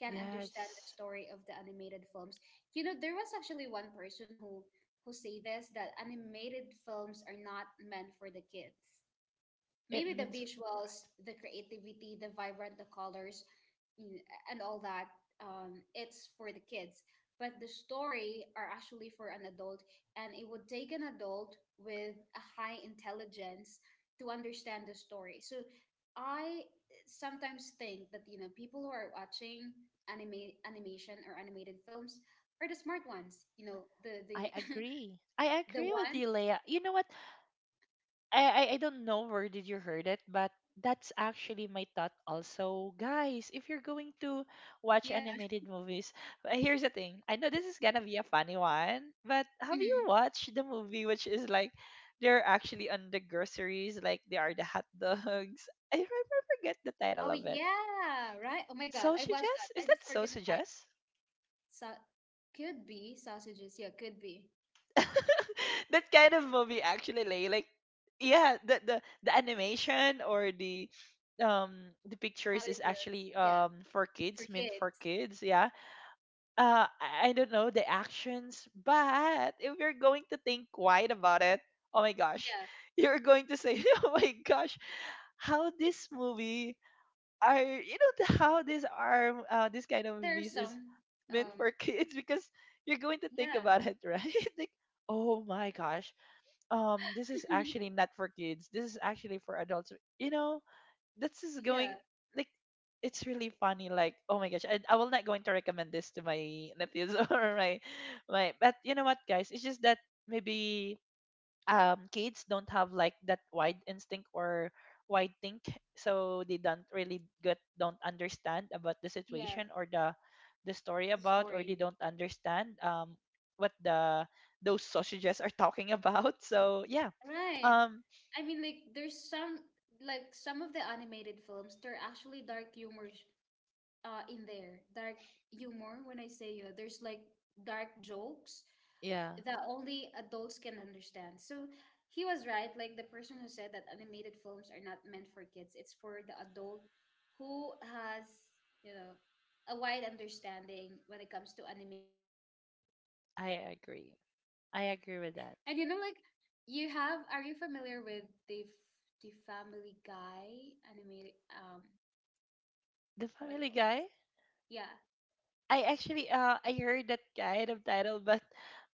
A: can understand the
B: Yes,
A: story of the animated films. You know, there was actually one person who say this, that animated films are not meant for the kids.
B: it
A: Maybe the
B: means for.
A: visuals, the creativity, the vibrant, the colors, mm, and all that. It's for the kids, but the story are actually for an adult, and it would take an adult with a high intelligence to understand the story. So I sometimes think that you know people who are watching anime animation or animated films are the smart ones. You know, the
B: I
A: the
B: agree. I
A: [laughs] the
B: agree with
A: one,
B: you, Leia. You know what? I don't know where did you heard it, but that's actually my thought also. Guys, if you're going to watch
A: yeah.
B: animated movies, [laughs] here's the thing. I know this is gonna be a funny one, but have you
A: [laughs]
B: watched the movie which is like they're actually on the groceries, like they are the hot dogs? [laughs] I forget the
A: Oh
B: title of it.
A: yeah, right. Oh my God,
B: So
A: I watched that.
B: suggest? Is
A: I just
B: that so
A: forget the title.
B: suggest?
A: So could be sausages. Yeah, could be
B: [laughs] That kind of movie actually like, yeah, the animation, or the
A: how
B: pictures
A: it
B: is
A: looks.
B: actually
A: Yeah,
B: for
A: for
B: kids, meant for
A: kids.
B: kids, yeah. I don't know the actions, but if you're going to think wide about it, oh my gosh,
A: Yeah,
B: [laughs] you're going to say, [laughs] oh my gosh, how this movie are, you know, how this are, this
A: And
B: kind of
A: even there's
B: movies is
A: some.
B: meant
A: Um.
B: for [laughs] kids, because you're going to think
A: Yeah.
B: about it, right? [laughs] Like, oh my gosh, this is
A: [laughs]
B: actually not for kids, this is actually for adults. You know, this is
A: Yeah.
B: going like, it's really funny, like, oh my gosh, I will not going to recommend this to my nephews, [laughs] or my my. But you know what guys, it's just that maybe kids don't have like that wide instinct, or wide think, so they don't really get, don't understand about the
A: Yeah.
B: situation, or the story
A: The
B: about, or they
A: story.
B: don't understand what the those sausages are talking about. [laughs] So yeah.
A: Right.
B: um
A: I mean, like there's some, like some of the animated films, they're actually dark humors. In there, dark humor. When I say, there's like dark jokes
B: yeah,
A: that only adults can understand. So he was right, like the person who said that animated films are not meant for kids. It's for the adult who has, you know, a wide understanding when it comes to animation.
B: I
A: [laughs]
B: agree. I agree with that.
A: And you know, like, you have, are you familiar with the Family Guy animated
B: The
A: what do you
B: Family
A: call this?
B: Guy.
A: Yeah.
B: I Actually, I heard that kind of title, but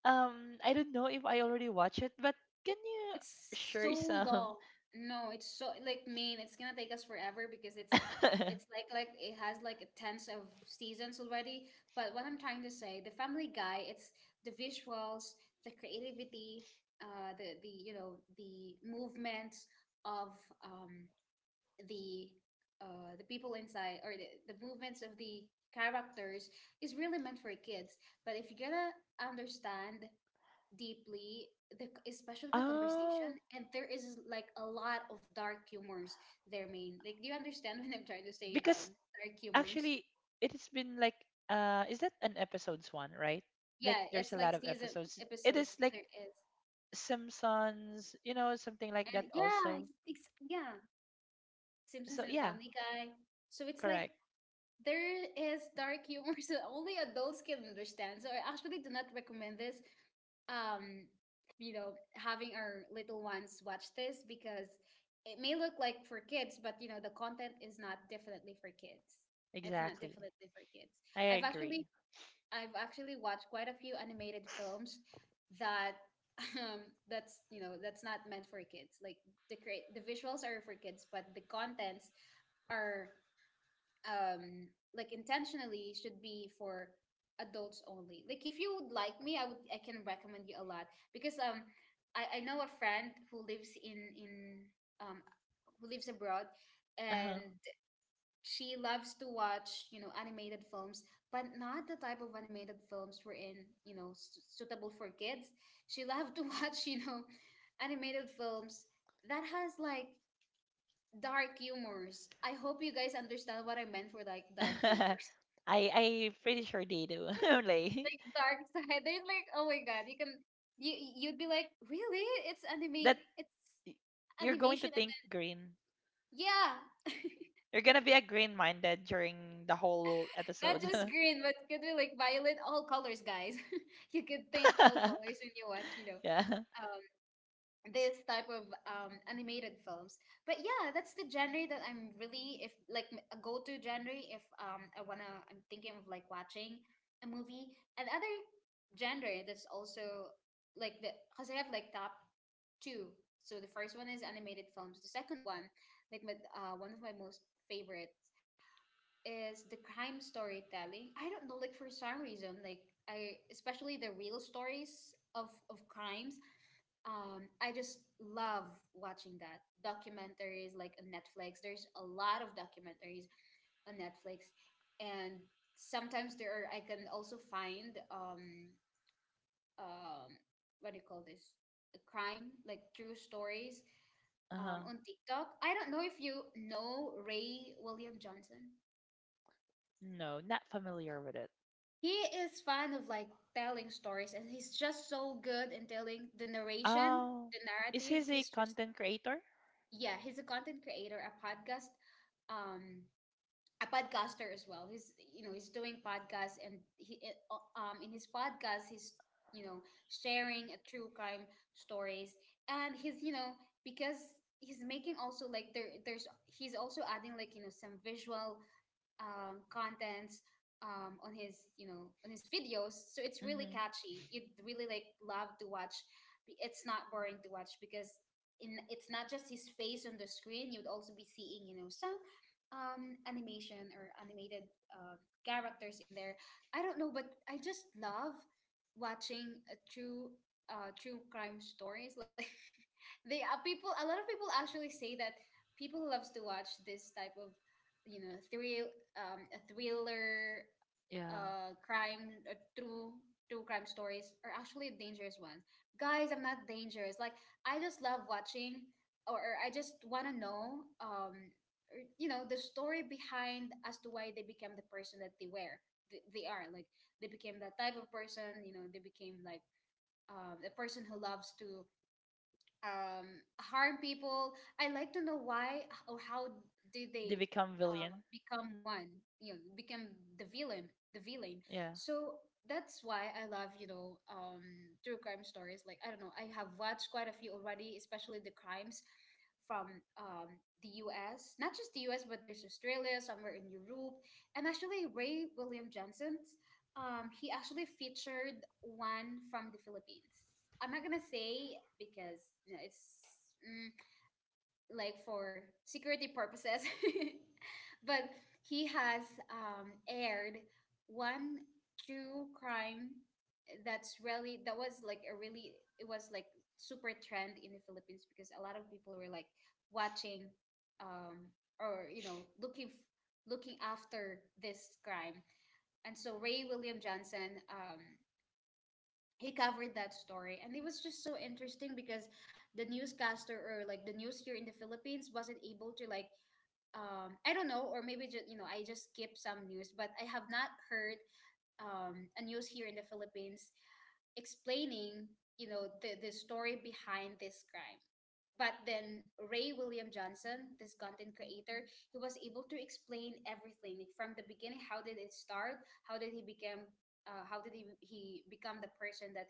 B: um I don't know if I already watched it, but can you
A: It's so
B: share some?
A: long. No, it's so like mean. It's gonna take us forever because it's
B: [laughs]
A: like it has like a tens of seasons already. But what I'm trying to say, the Family Guy, it's the visuals, the creativity, the you know, the movements of um the the people inside, or the movements of the characters is really meant for kids. But if you're gonna understand deeply, the especially the
B: Oh,
A: conversation, and there is like a lot of dark humors there. Main Like, do you understand [laughs] what I'm trying to say?
B: because
A: Dark humors.
B: actually it has been like, is that an episodes one, right? Like,
A: Yeah,
B: there's
A: it's
B: a
A: like
B: lot of
A: season,
B: episodes. It is
A: episodes,
B: like
A: there is,
B: Simpsons, you know, something like that
A: and yeah,
B: also.
A: it's, yeah, Simpsons
B: So
A: and
B: yeah,
A: Family Guy. So it's like
B: correct.
A: there is dark humor. [laughs] So only adults can understand. So I actually do not recommend this, um, you know, having our little ones watch this, because it may look like for kids, but you know, the content is not definitely for kids. It's not
B: Exactly.
A: definitely for kids.
B: I
A: I've
B: agree.
A: actually I've actually watched quite a few animated films that [laughs] um that's, you know, that's not meant for kids. Like the visuals are for kids, but the contents are um like intentionally should be for adults only. Like if you would like me, I can recommend you a lot, because I know a friend who lives in um who lives abroad,
B: Uh-huh.
A: and she loves to watch, you know, animated films, but not the type of animated films were in, you know, suitable for kids. She [laughs] loved to watch, you know, animated films that has like dark humors. I hope you guys understand what I meant for like dark
B: [laughs] I
A: humors.
B: I pretty sure they do. [laughs]
A: [laughs]
B: Like
A: Like dark side. They're like, oh my god, you can, you'd be like, really? It's
B: that.
A: anime, it's
B: y- you're going to
A: animation. And
B: think
A: then,
B: green.
A: yeah. [laughs]
B: You're gonna be a green minded during the whole
A: Not
B: episode.
A: just green, but could be like violet, all colors, guys. [laughs] You could think all
B: [laughs]
A: colors when you watch, you know,
B: Yeah.
A: uh, this type of animated films. But yeah, that's the genre that I'm really if like m- a go-to genre if I'm thinking of like watching a movie. Another genre that's also like the because I have like top two. So the first one is animated films. The second one, like my, one of my most favorites is the crime storytelling. I don't know, like for some reason, like I especially the real stories of crimes, I just love watching that. Documentaries like on Netflix. There's a lot of documentaries on Netflix, and sometimes there are. I can also find, um, what do you call this? A crime, like true stories,
B: Uh-huh.
A: on TikTok. I don't know if you know Ray William Johnson.
B: No, not familiar with it.
A: He is fond of like telling stories, and he's just so good in telling the narration,
B: Oh,
A: the
B: is he
A: narrative.
B: a
A: He's just
B: content creator?
A: yeah, he's a content creator, um a podcaster as well. He's, you know, he's doing podcasts, and he in his podcast he's, you know sharing a true crime stories. And he's, you know, because he's making also, like, there's he's also adding, like, you know, some visual, contents, on his, you know, on his videos, so it's really
B: Mm-hmm.
A: catchy. You'd really like love to watch. It's not boring to watch, because in it's not just his face on the screen. You'd also be seeing, you know, some, animation or animated, characters in there. I don't know, but I just love watching a true crime stories. [laughs] Like, they are people, a lot of people actually say that people who loves to watch this type of, you know, thrill, a thriller,
B: Yeah.
A: crime, true crime stories are actually dangerous ones. Guys, I'm not dangerous. Like, I just love watching, or I just want to know, or, you know, the story behind as to why they became the person that they were. They are like they became that type of person. You know, they became like, a person who loves to, um, harm people. I like to know why or how did
B: They
A: they,
B: become villain.
A: become one, you know, become the villain, the villain.
B: Yeah.
A: So that's why I love, you know, true crime stories. Like, I don't know, I have watched quite a few already, especially the crimes from, um, the US, not just the US, but there's Australia, somewhere in Europe. And actually, Ray William Johnson, he actually featured one from the Philippines. I'm not gonna say because, you know, it's, mm, like, for security purposes. [laughs] But
B: Mm-hmm.
A: he has, aired one true crime that's really, that was like a really it was like super trend in the Philippines, because a lot of people were like watching, um, or, you know, looking looking after this crime. And so Ray William Johnson, he covered that story, and it was just so interesting because the newscaster, or like the news here in the Philippines, wasn't able to like, I don't know, or maybe just, you know, I just skip some news, but I have not heard, a news here in the Philippines explaining, you know, the story behind this crime. But then Ray William Johnson, this content creator, he was able to explain everything like from the beginning. How did it start? How did he become? How did he become the person that,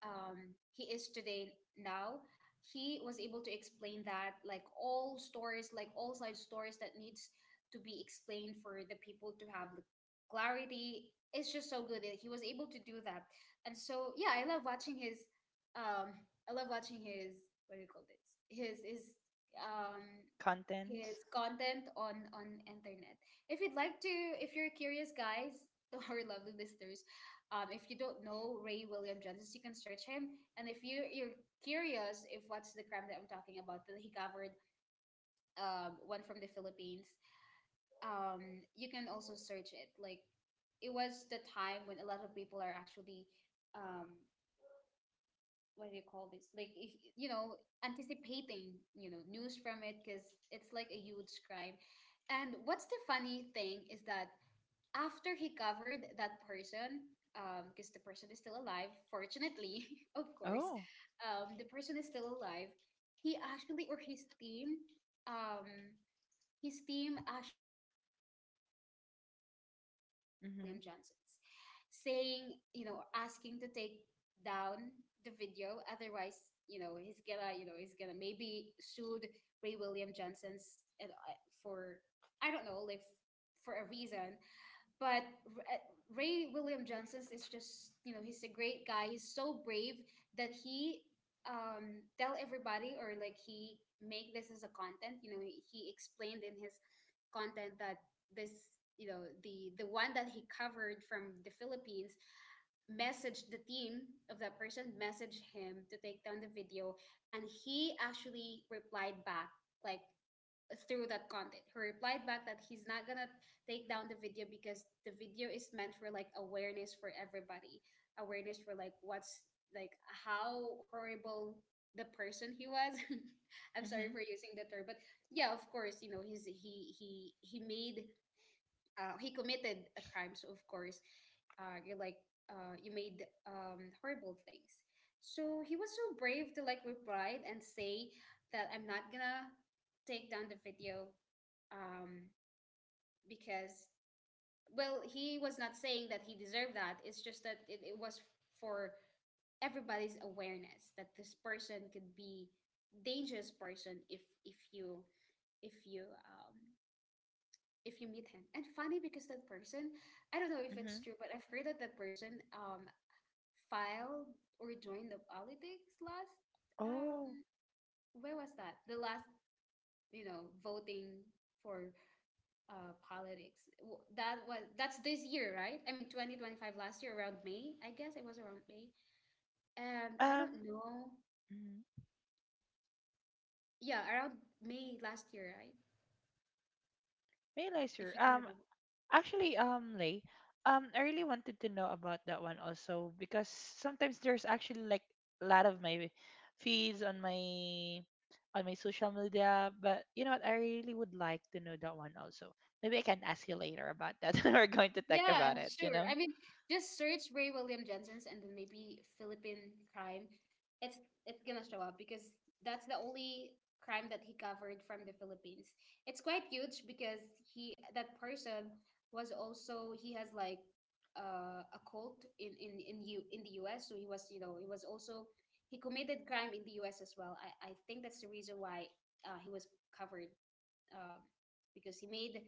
A: he is today now? He was able to explain that, like all stories, like all side stories that needs to be explained for the people to have the clarity. It's just so good that he was able to do that, and so yeah, I love watching his, um what do you call this, his um
B: Content.
A: his content on internet. If you'd like to, if you're curious guys, [laughs] to our lovely listeners, if you don't know Ray William Johnson, you can search him. And if you're curious if what's the crime that I'm talking about that he covered, one from the Philippines, you can also search it. Like, it was the time when a lot of people are actually, um what do you call this, like, if you know, anticipating, you know, news from it, because it's like a huge crime. And what's the funny thing is that after he covered that person, because the person is still alive, fortunately, [laughs] of course,
B: Oh.
A: the person is still alive. He actually or his team, um his team actually sent a message to Ray
B: Mm-hmm.
A: William Johnsons, saying, you know, asking to take down the video. Otherwise, you know, he's gonna, you know, he's gonna maybe sued Ray William Johnson's, and for, I don't know, like, for a reason. But Ray William Johnson is just, you know, he's a great guy. He's so brave that he, tell everybody, or like he make this as a content. You know, he explained in his content that this, you know, the one that he covered from the Philippines, messaged, the team of that person messaged him to take down the video. And he actually replied back, like through that content. He replied back that he's not gonna take down the video, because the video is meant for like awareness for everybody, awareness for like what's, like how horrible the person he was. [laughs] I'm sorry
B: Mm-hmm.
A: for using the term, but yeah, of course, you know, he made, he committed a crime, so of course, you're like, you made, horrible things. So he was so brave to like reply and say that I'm not gonna take down the video, um, because, well, he was not saying that he deserved that. It's just that it was for everybody's awareness that this person could be dangerous person, if you, if you um, if you meet him. And funny, because that person, I don't know if
B: Mm-hmm.
A: it's true, but I've heard that that person, filed or joined the politics last,
B: Oh.
A: um where was that? The last, you know, voting for, politics. That's this year, right? I mean, 2025. Last year around May, I guess it was around May. And I
B: Um.
A: don't know.
B: Mm-hmm.
A: Yeah, around May last year, right?
B: May I,
A: If
B: sir?
A: you can remember.
B: Actually, Lay, I really wanted to know about that one also because sometimes there's actually like a lot of my feeds on my social media, but you know what? I really would like to know that one also. Maybe I can ask you later about that. [laughs] We're going to talk
A: Yeah,
B: about it, you
A: sure.
B: know?
A: I mean, just search Ray William Jensen's and then maybe Philippine crime. It's gonna show up because that's the only crime that he covered from the Philippines. It's quite huge because he that person was also, he has like, a cult in you in the U.S. So he was, you know, he was also he committed crime in the U.S. as well. I think that's the reason why, he was covered, um, because he made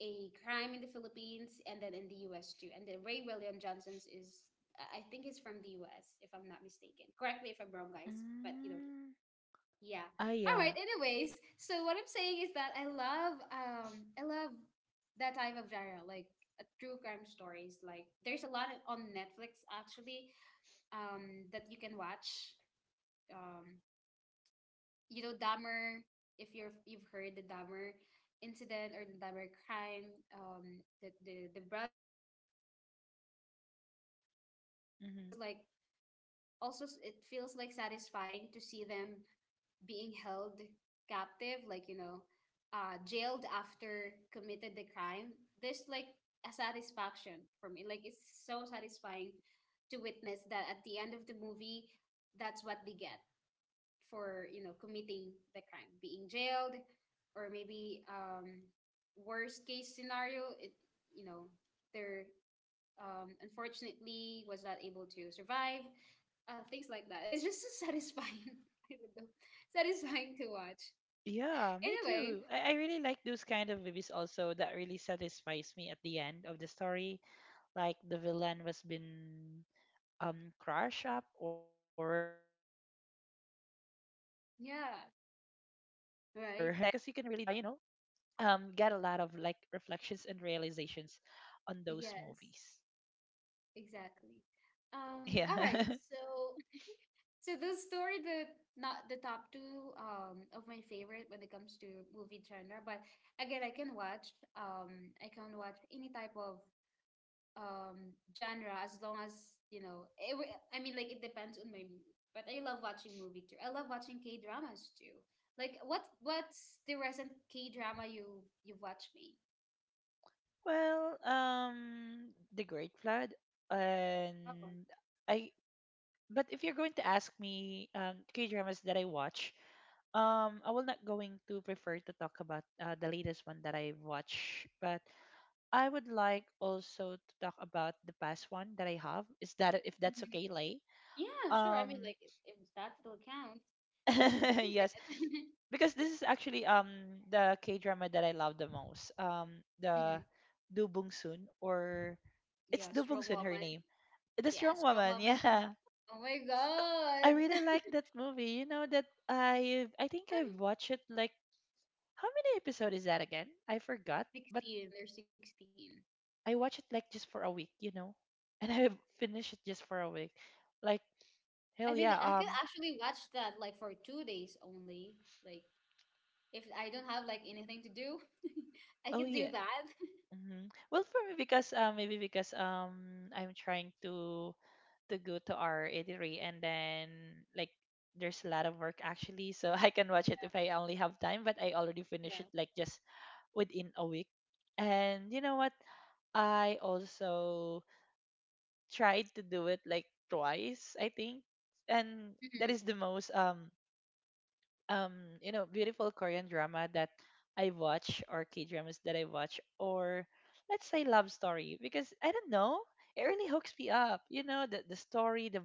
A: a crime in the Philippines and then in the US too. And then Ray William Johnson's is, I think he's from the US, if I'm not mistaken. Correct me if I'm wrong guys, but you know,
B: Mm,
A: yeah.
B: oh
A: All right,
B: yeah.
A: anyways, so what I'm saying is that I love that type of genre, like, true crime stories. Like there's a lot on Netflix actually, that you can watch. um you know, Dahmer, if you've heard the Dahmer incident, or the Dahmer crime, the brothers. There's a lot. I don't know, I just love watching that. It
B: Hmm.
A: feels like also, it feels like satisfying to see them being held captive, like, you know, jailed after committed the crime. There's like a satisfaction for me. Like, it's so satisfying to witness that at the end of the movie, that's what they get for, you know, committing the crime, being jailed, or maybe, worst case scenario, it, you know, they're, unfortunately, was not able to survive, things like that. It's just so satisfying. [laughs] I don't know. Satisfying to watch.
B: Yeah, me
A: Anyway,
B: too. I really like those kind of movies also that really satisfies me at the end of the story. Like the villain was been crush up or [laughs] been in prison or yeah, I,
A: yeah,
B: I really like this because you can really
A: right,
B: get a lot of like reflections and realizations on those
A: yes,
B: movies.
A: exactly.
B: [laughs]
A: All right,
B: Yeah. [laughs]
A: so those two are the not the top two, of my favorite when it comes to movie genre. But again, I can watch any type of, genre as long as you know. I mean, like, it depends on my mood. But I love watching movie too. I love watching K dramas too. Like what's the recent K drama you've watched me?
B: Well, the Great Flood
A: Oh,
B: and I, but if you're going to ask me K dramas that I watch, I will not going to prefer to talk about the latest one that I watch, but I would like also to talk about the past one that I have. Is that if that's
A: mhm.
B: okay, Lay?
A: Yeah, sure. I mean,
B: Um,
A: like, if that still counts as your
B: [laughs] yes,
A: favorite. [laughs]
B: because this is actually the K drama that I love the most. The
A: Hmm.
B: Do Bung Soon, or it's
A: Yeah,
B: Do Bung
A: Strong
B: Soon her
A: Woman.
B: name. The
A: Yeah,
B: Strong
A: strong
B: Woman. [laughs]
A: woman to.
B: Yeah,
A: Oh my
B: I really
A: god.
B: like
A: [laughs]
B: that movie. You know that I think I've watched it like how many episodes is that again? I forgot, but
A: 16, they're 16.
B: I watched it like just for a week. You know, and [laughs] I finished it just for a week, like.
A: I
B: Hell
A: mean,
B: yeah.
A: I could actually watch that like for 2 days only. Like, if I don't have like anything to do, [laughs] I
B: Oh
A: can do
B: yeah.
A: that. [laughs]
B: Hmm. Well, for me, because maybe because I'm trying to go to our eatery, and then like there's a lot of work actually, so [laughs] I can watch it
A: Yeah,
B: if I only have time. But I already finished
A: yeah.
B: it like just within a week, and you know what? I also tried to do it like twice, I think, and that
A: Hmm.
B: is the most um you know beautiful Korean drama that I watch, or K dramas that I watch, or let's say love story, because I don't know, it really hooks me up, you know, the story, the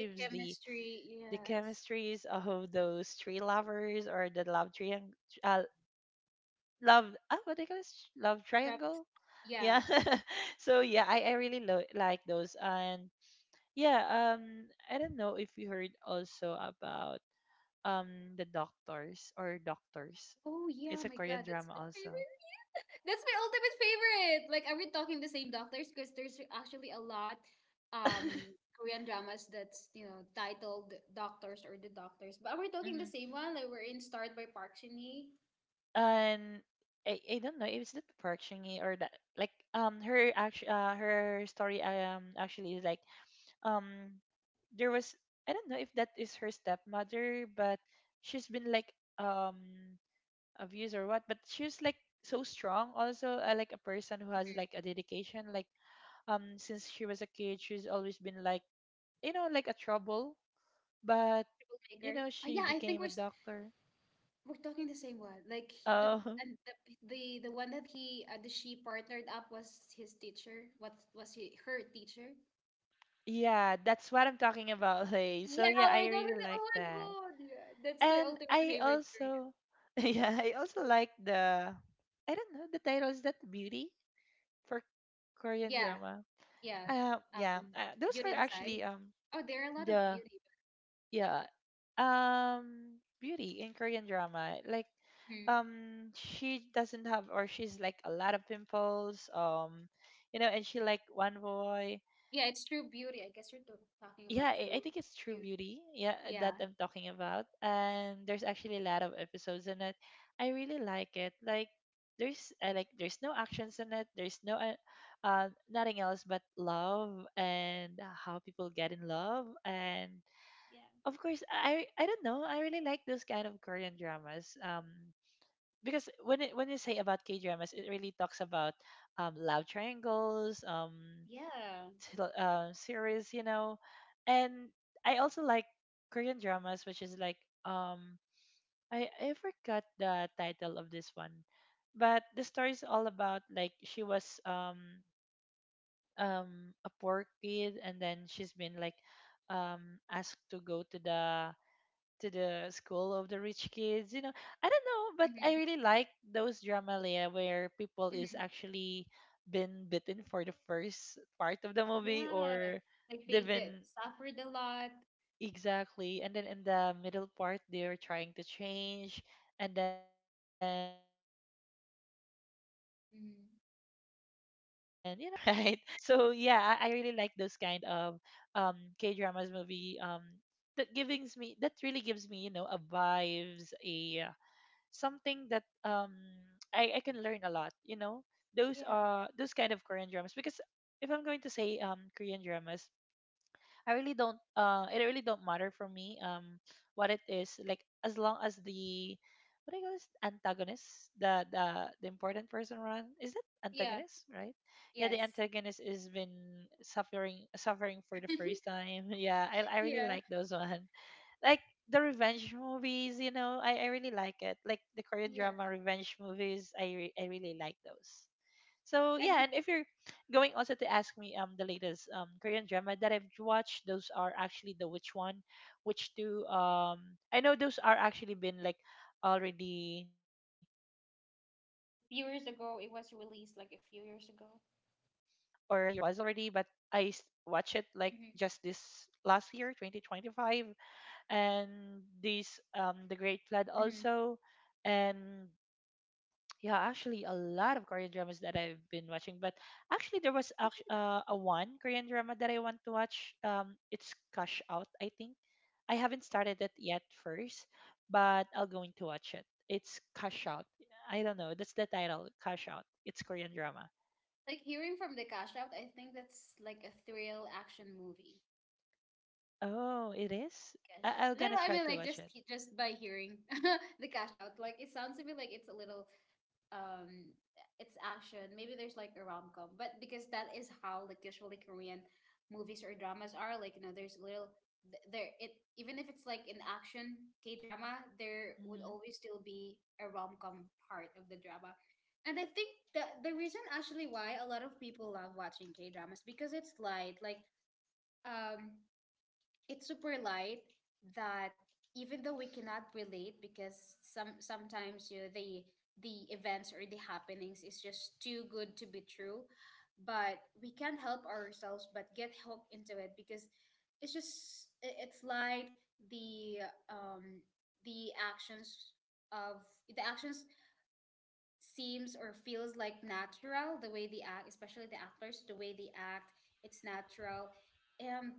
A: The
B: the
A: chemistry, yes.
B: chemistries of those three lovers, or the love triangle, uh, love, ah, what they call it, love
A: Prep-
B: triangle.
A: Yeah,
B: Yeah.
A: that's right.
B: [laughs] So yeah, I really like those. And yeah, I don't know if you heard also about um the doctors or doctors.
A: Oh yeah,
B: It's a
A: oh my
B: Korean
A: god, that's
B: drama
A: my
B: also.
A: favorite. That's my ultimate favorite. Like, are we talking the same doctors? Because there's actually a lot
B: [laughs] Hmm.
A: Korean dramas that's you know titled Doctors or The Doctors. But are we talking the same one? Like, we're in Start by Park Shin Hye,
B: And I don't know if it's that Parchingi or that, like, her act her story, actually is like, um there was, I don't know if that is her stepmother, but she's been like um abused or what, but she's like so strong also, like a person who has like a dedication, like since she was a kid she's always been like, you know, like a trouble, but you
A: Maker.
B: know
A: Uh,
B: she
A: yeah, I think
B: became a doctor.
A: we're talking the same one. Like the
B: Uh, [laughs]
A: and the the, the one that he the she partnered up was his teacher. What was he her teacher?
B: Yeah, that's what I'm talking about, Hey. So
A: Yeah,
B: yeah,
A: we're
B: I
A: talking.
B: really
A: Oh
B: like
A: my
B: that.
A: god, yeah, that's my
B: And
A: ultimate
B: I
A: favorite Korean.
B: also [laughs] yeah, I also like the, I don't know, the title is that Beauty, for Korean
A: Yeah,
B: drama.
A: yeah.
B: Yeah,
A: Um,
B: those
A: Beauty
B: are
A: Inside.
B: actually
A: Oh, there are a lot of
B: the
A: beauty, but-
B: yeah, Beauty in Korean drama. Like,
A: Hmm.
B: she doesn't have, or she's like a lot of pimples, you know, and she like one boy.
A: Yeah, it's true beauty. I guess you're t talking about
B: Yeah,
A: true
B: I think it's True
A: beauty.
B: Beauty, yeah, that
A: Yeah.
B: I'm talking about, and there's actually a lot of episodes in it. I really like it, like there's, I like there's no actions in it, there's no nothing else but love and how people get in love. And
A: Yeah.
B: of course, I don't know, I really like those kind of Korean dramas, because when it, when you say about K dramas, it really talks about love triangles,
A: Yeah.
B: series, you know. And I also like Korean dramas, which is like, um I forgot the title of this one, but the story is all about, like, she was a poor kid, and then she's been like asked to go to the school of the rich kids, you know. I don't know, but I
A: Mm-hmm.
B: really like those drama, Leah, where people is
A: Mm-hmm.
B: actually been bitten for the first part of the movie,
A: Yeah.
B: or
A: Like
B: they've
A: they did
B: been.
A: suffered a lot.
B: Exactly. And then in the middle part, they're trying to change. And then, you know, that the last laugh
A: Mm-hmm.
B: is in the, in them, [laughs] right? So yeah, I, really like those kind of um K dramas movie. That gives me, that really gives me, you know, a vibes, a something that, I can learn a lot. You know,
A: Yeah.
B: those kind of Korean dramas, because if I'm going to say Korean dramas, I really don't, it really don't matter for me what it is, like, as long as the, what do you call this, antagonist, the important person run, is that
A: Yeah.
B: antagonist, right? Yeah, the
A: Yes.
B: antagonist is been suffering for the first
A: [laughs]
B: time. [laughs] Yeah, I really
A: Yeah.
B: like those one, like the revenge movies, you know, I really like it, like the Korean
A: Yeah.
B: drama revenge movies. I really like those. So
A: I
B: yeah,
A: mean,
B: and if you're going also to ask me the latest Korean drama that I've watched, those are actually the which one, which two, I know those are actually been like already um
A: Few
B: streamed
A: years
B: for
A: ago,
B: a
A: it
B: very
A: was
B: long time
A: released like a
B: ago,
A: few
B: but
A: years ago.
B: or how many years was already, but I s- watch it like
A: Mm-hmm.
B: just this last year, 2025, and this the Great Flood
A: Mm-hmm.
B: also, and yeah, actually, a lot of Korean dramas that I've been watching. But actually, there was
A: Actually,
B: a one Korean drama that I want to watch. It's Cash Out, I think. I haven't started it yet first, but I'll going to watch it. It's Cash Out. I don't know. That's the title, Cash Out. It's Korean drama.
A: like hearing from the cast out, I think that's like a thrill action movie.
B: Oh, it is.
A: Cash.
B: I'll
A: No,
B: gonna
A: no, I
B: try
A: mean
B: to
A: like
B: watch it.
A: just by hearing [laughs] the cash out, like it sounds to me like it's a little um, it's action. Maybe there's like a rom com, but because that is how like usually Korean movies or dramas are. Like you know, there's little there it even if it's like an action K drama, there would
B: Hmm.
A: always still be a rom com part of the drama. And I think the reason actually why a lot of people love watching K dramas because it's light, like um it's super light that even though we cannot relate because some sometimes you know the events or the happenings is just too good to be true, but we can't help ourselves but get hooked into it because it's just it's light, the um the actions of the actions seems or feels like natural, the way they act, especially the actors, the way they act, it's natural. um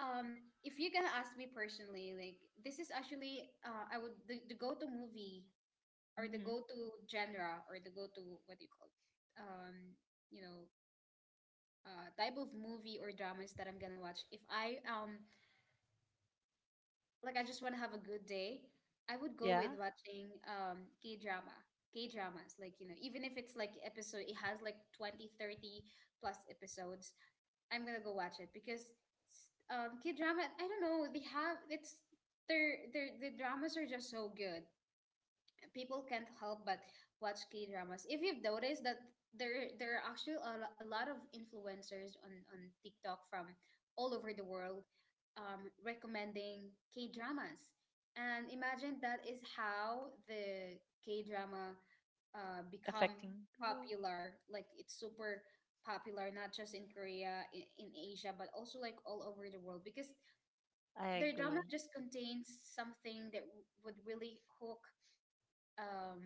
A: um, if you're gonna ask me personally, like this is actually I would the go-to movie or the
B: Mm-hmm.
A: go-to genre or the go-to what do you call it? Um, you know, type of movie or dramas that I'm gonna watch. If I like I just want to have a good day, I would go with
B: Yeah,
A: watching K-drama. K-dramas, like you know, even if it's like episode, it has like 20, 30 plus episodes. I'm gonna go watch it because K drama. I don't know. They have it's their the dramas are just so good people can't help but watch K dramas. If you've noticed that there are actually a, a lot of influencers on TikTok from all over the world, recommending K dramas, and imagine that is how the K drama become
B: affecting people.
A: popular. Like it's super popular, not just in Korea, in Asia, but also like all over the world because
B: I
A: their drama
B: agree. [laughs]
A: just contains something that would really hook um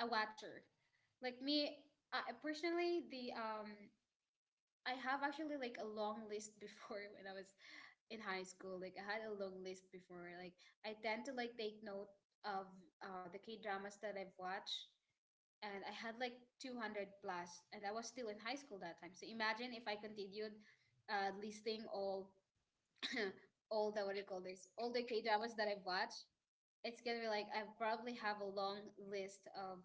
A: a watcher. Like me, I, personally, the I have actually like a long list before [laughs] when I was in high school. Like I had a long list before. Like I tend to like take note of the K dramas that I've watched, and I had like 200 plus, and I was still in high school that time. So imagine if I continued listing all [coughs] [clears throat] all the what do you call this all the K dramas that I've watched, it's gonna be like I probably have a long list of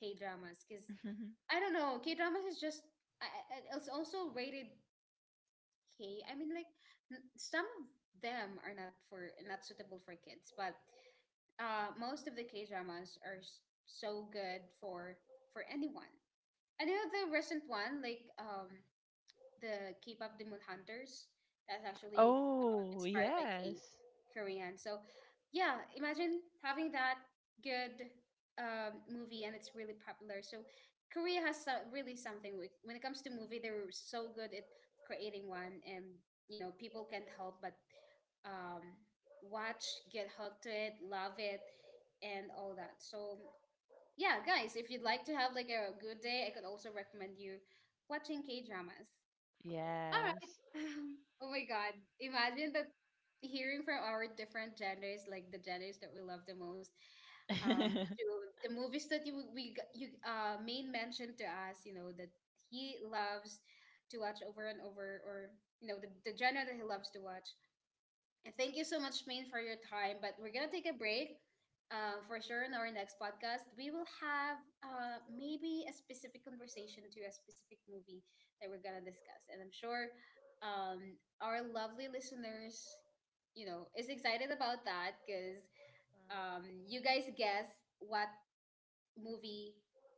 A: K dramas because
B: Mm-hmm.
A: I don't know K dramas is just it's also rated K. I mean, like some of them are not suitable for kids, but most of the K dramas are so good for anyone. I know the recent one, like the K-pop the Moon Hunters. That's actually
B: Oh,
A: inspired by
B: yes,
A: K Korean. So yeah, imagine having that good movie and it's really popular. So Korea has so, really something with, when it comes to movie. They're so good at creating one, and you know people can't help but um, watch, get hooked to it, love it, and all that. So yeah, guys, if you'd like to have like a good day, I could also recommend you watching K dramas. All right.
B: yes.
A: Oh my God. Imagine that hearing from our different genders, like the genders that we love the most, to
B: [laughs]
A: the movies that you we g- you main mentioned to us,
B: Hmm.
A: you know, that he loves to watch over and over, or you know, the genre that he loves to watch. And thank you so much, Maine, for your time. But we're gonna take a break. For sure, in our next podcast, we will have maybe a specific conversation to a specific movie that we're gonna discuss. And I'm sure our lovely listeners, you know, is excited about that because
B: Mm.
A: you guys guess what movie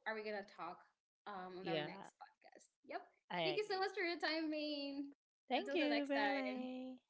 A: are we gonna talk on our
B: Yeah,
A: next podcast. Yep. Thank
B: I
A: you so
B: agree.
A: much for your time, Maine.
B: Thank
A: Until the
B: you,
A: next time.
B: Bailey.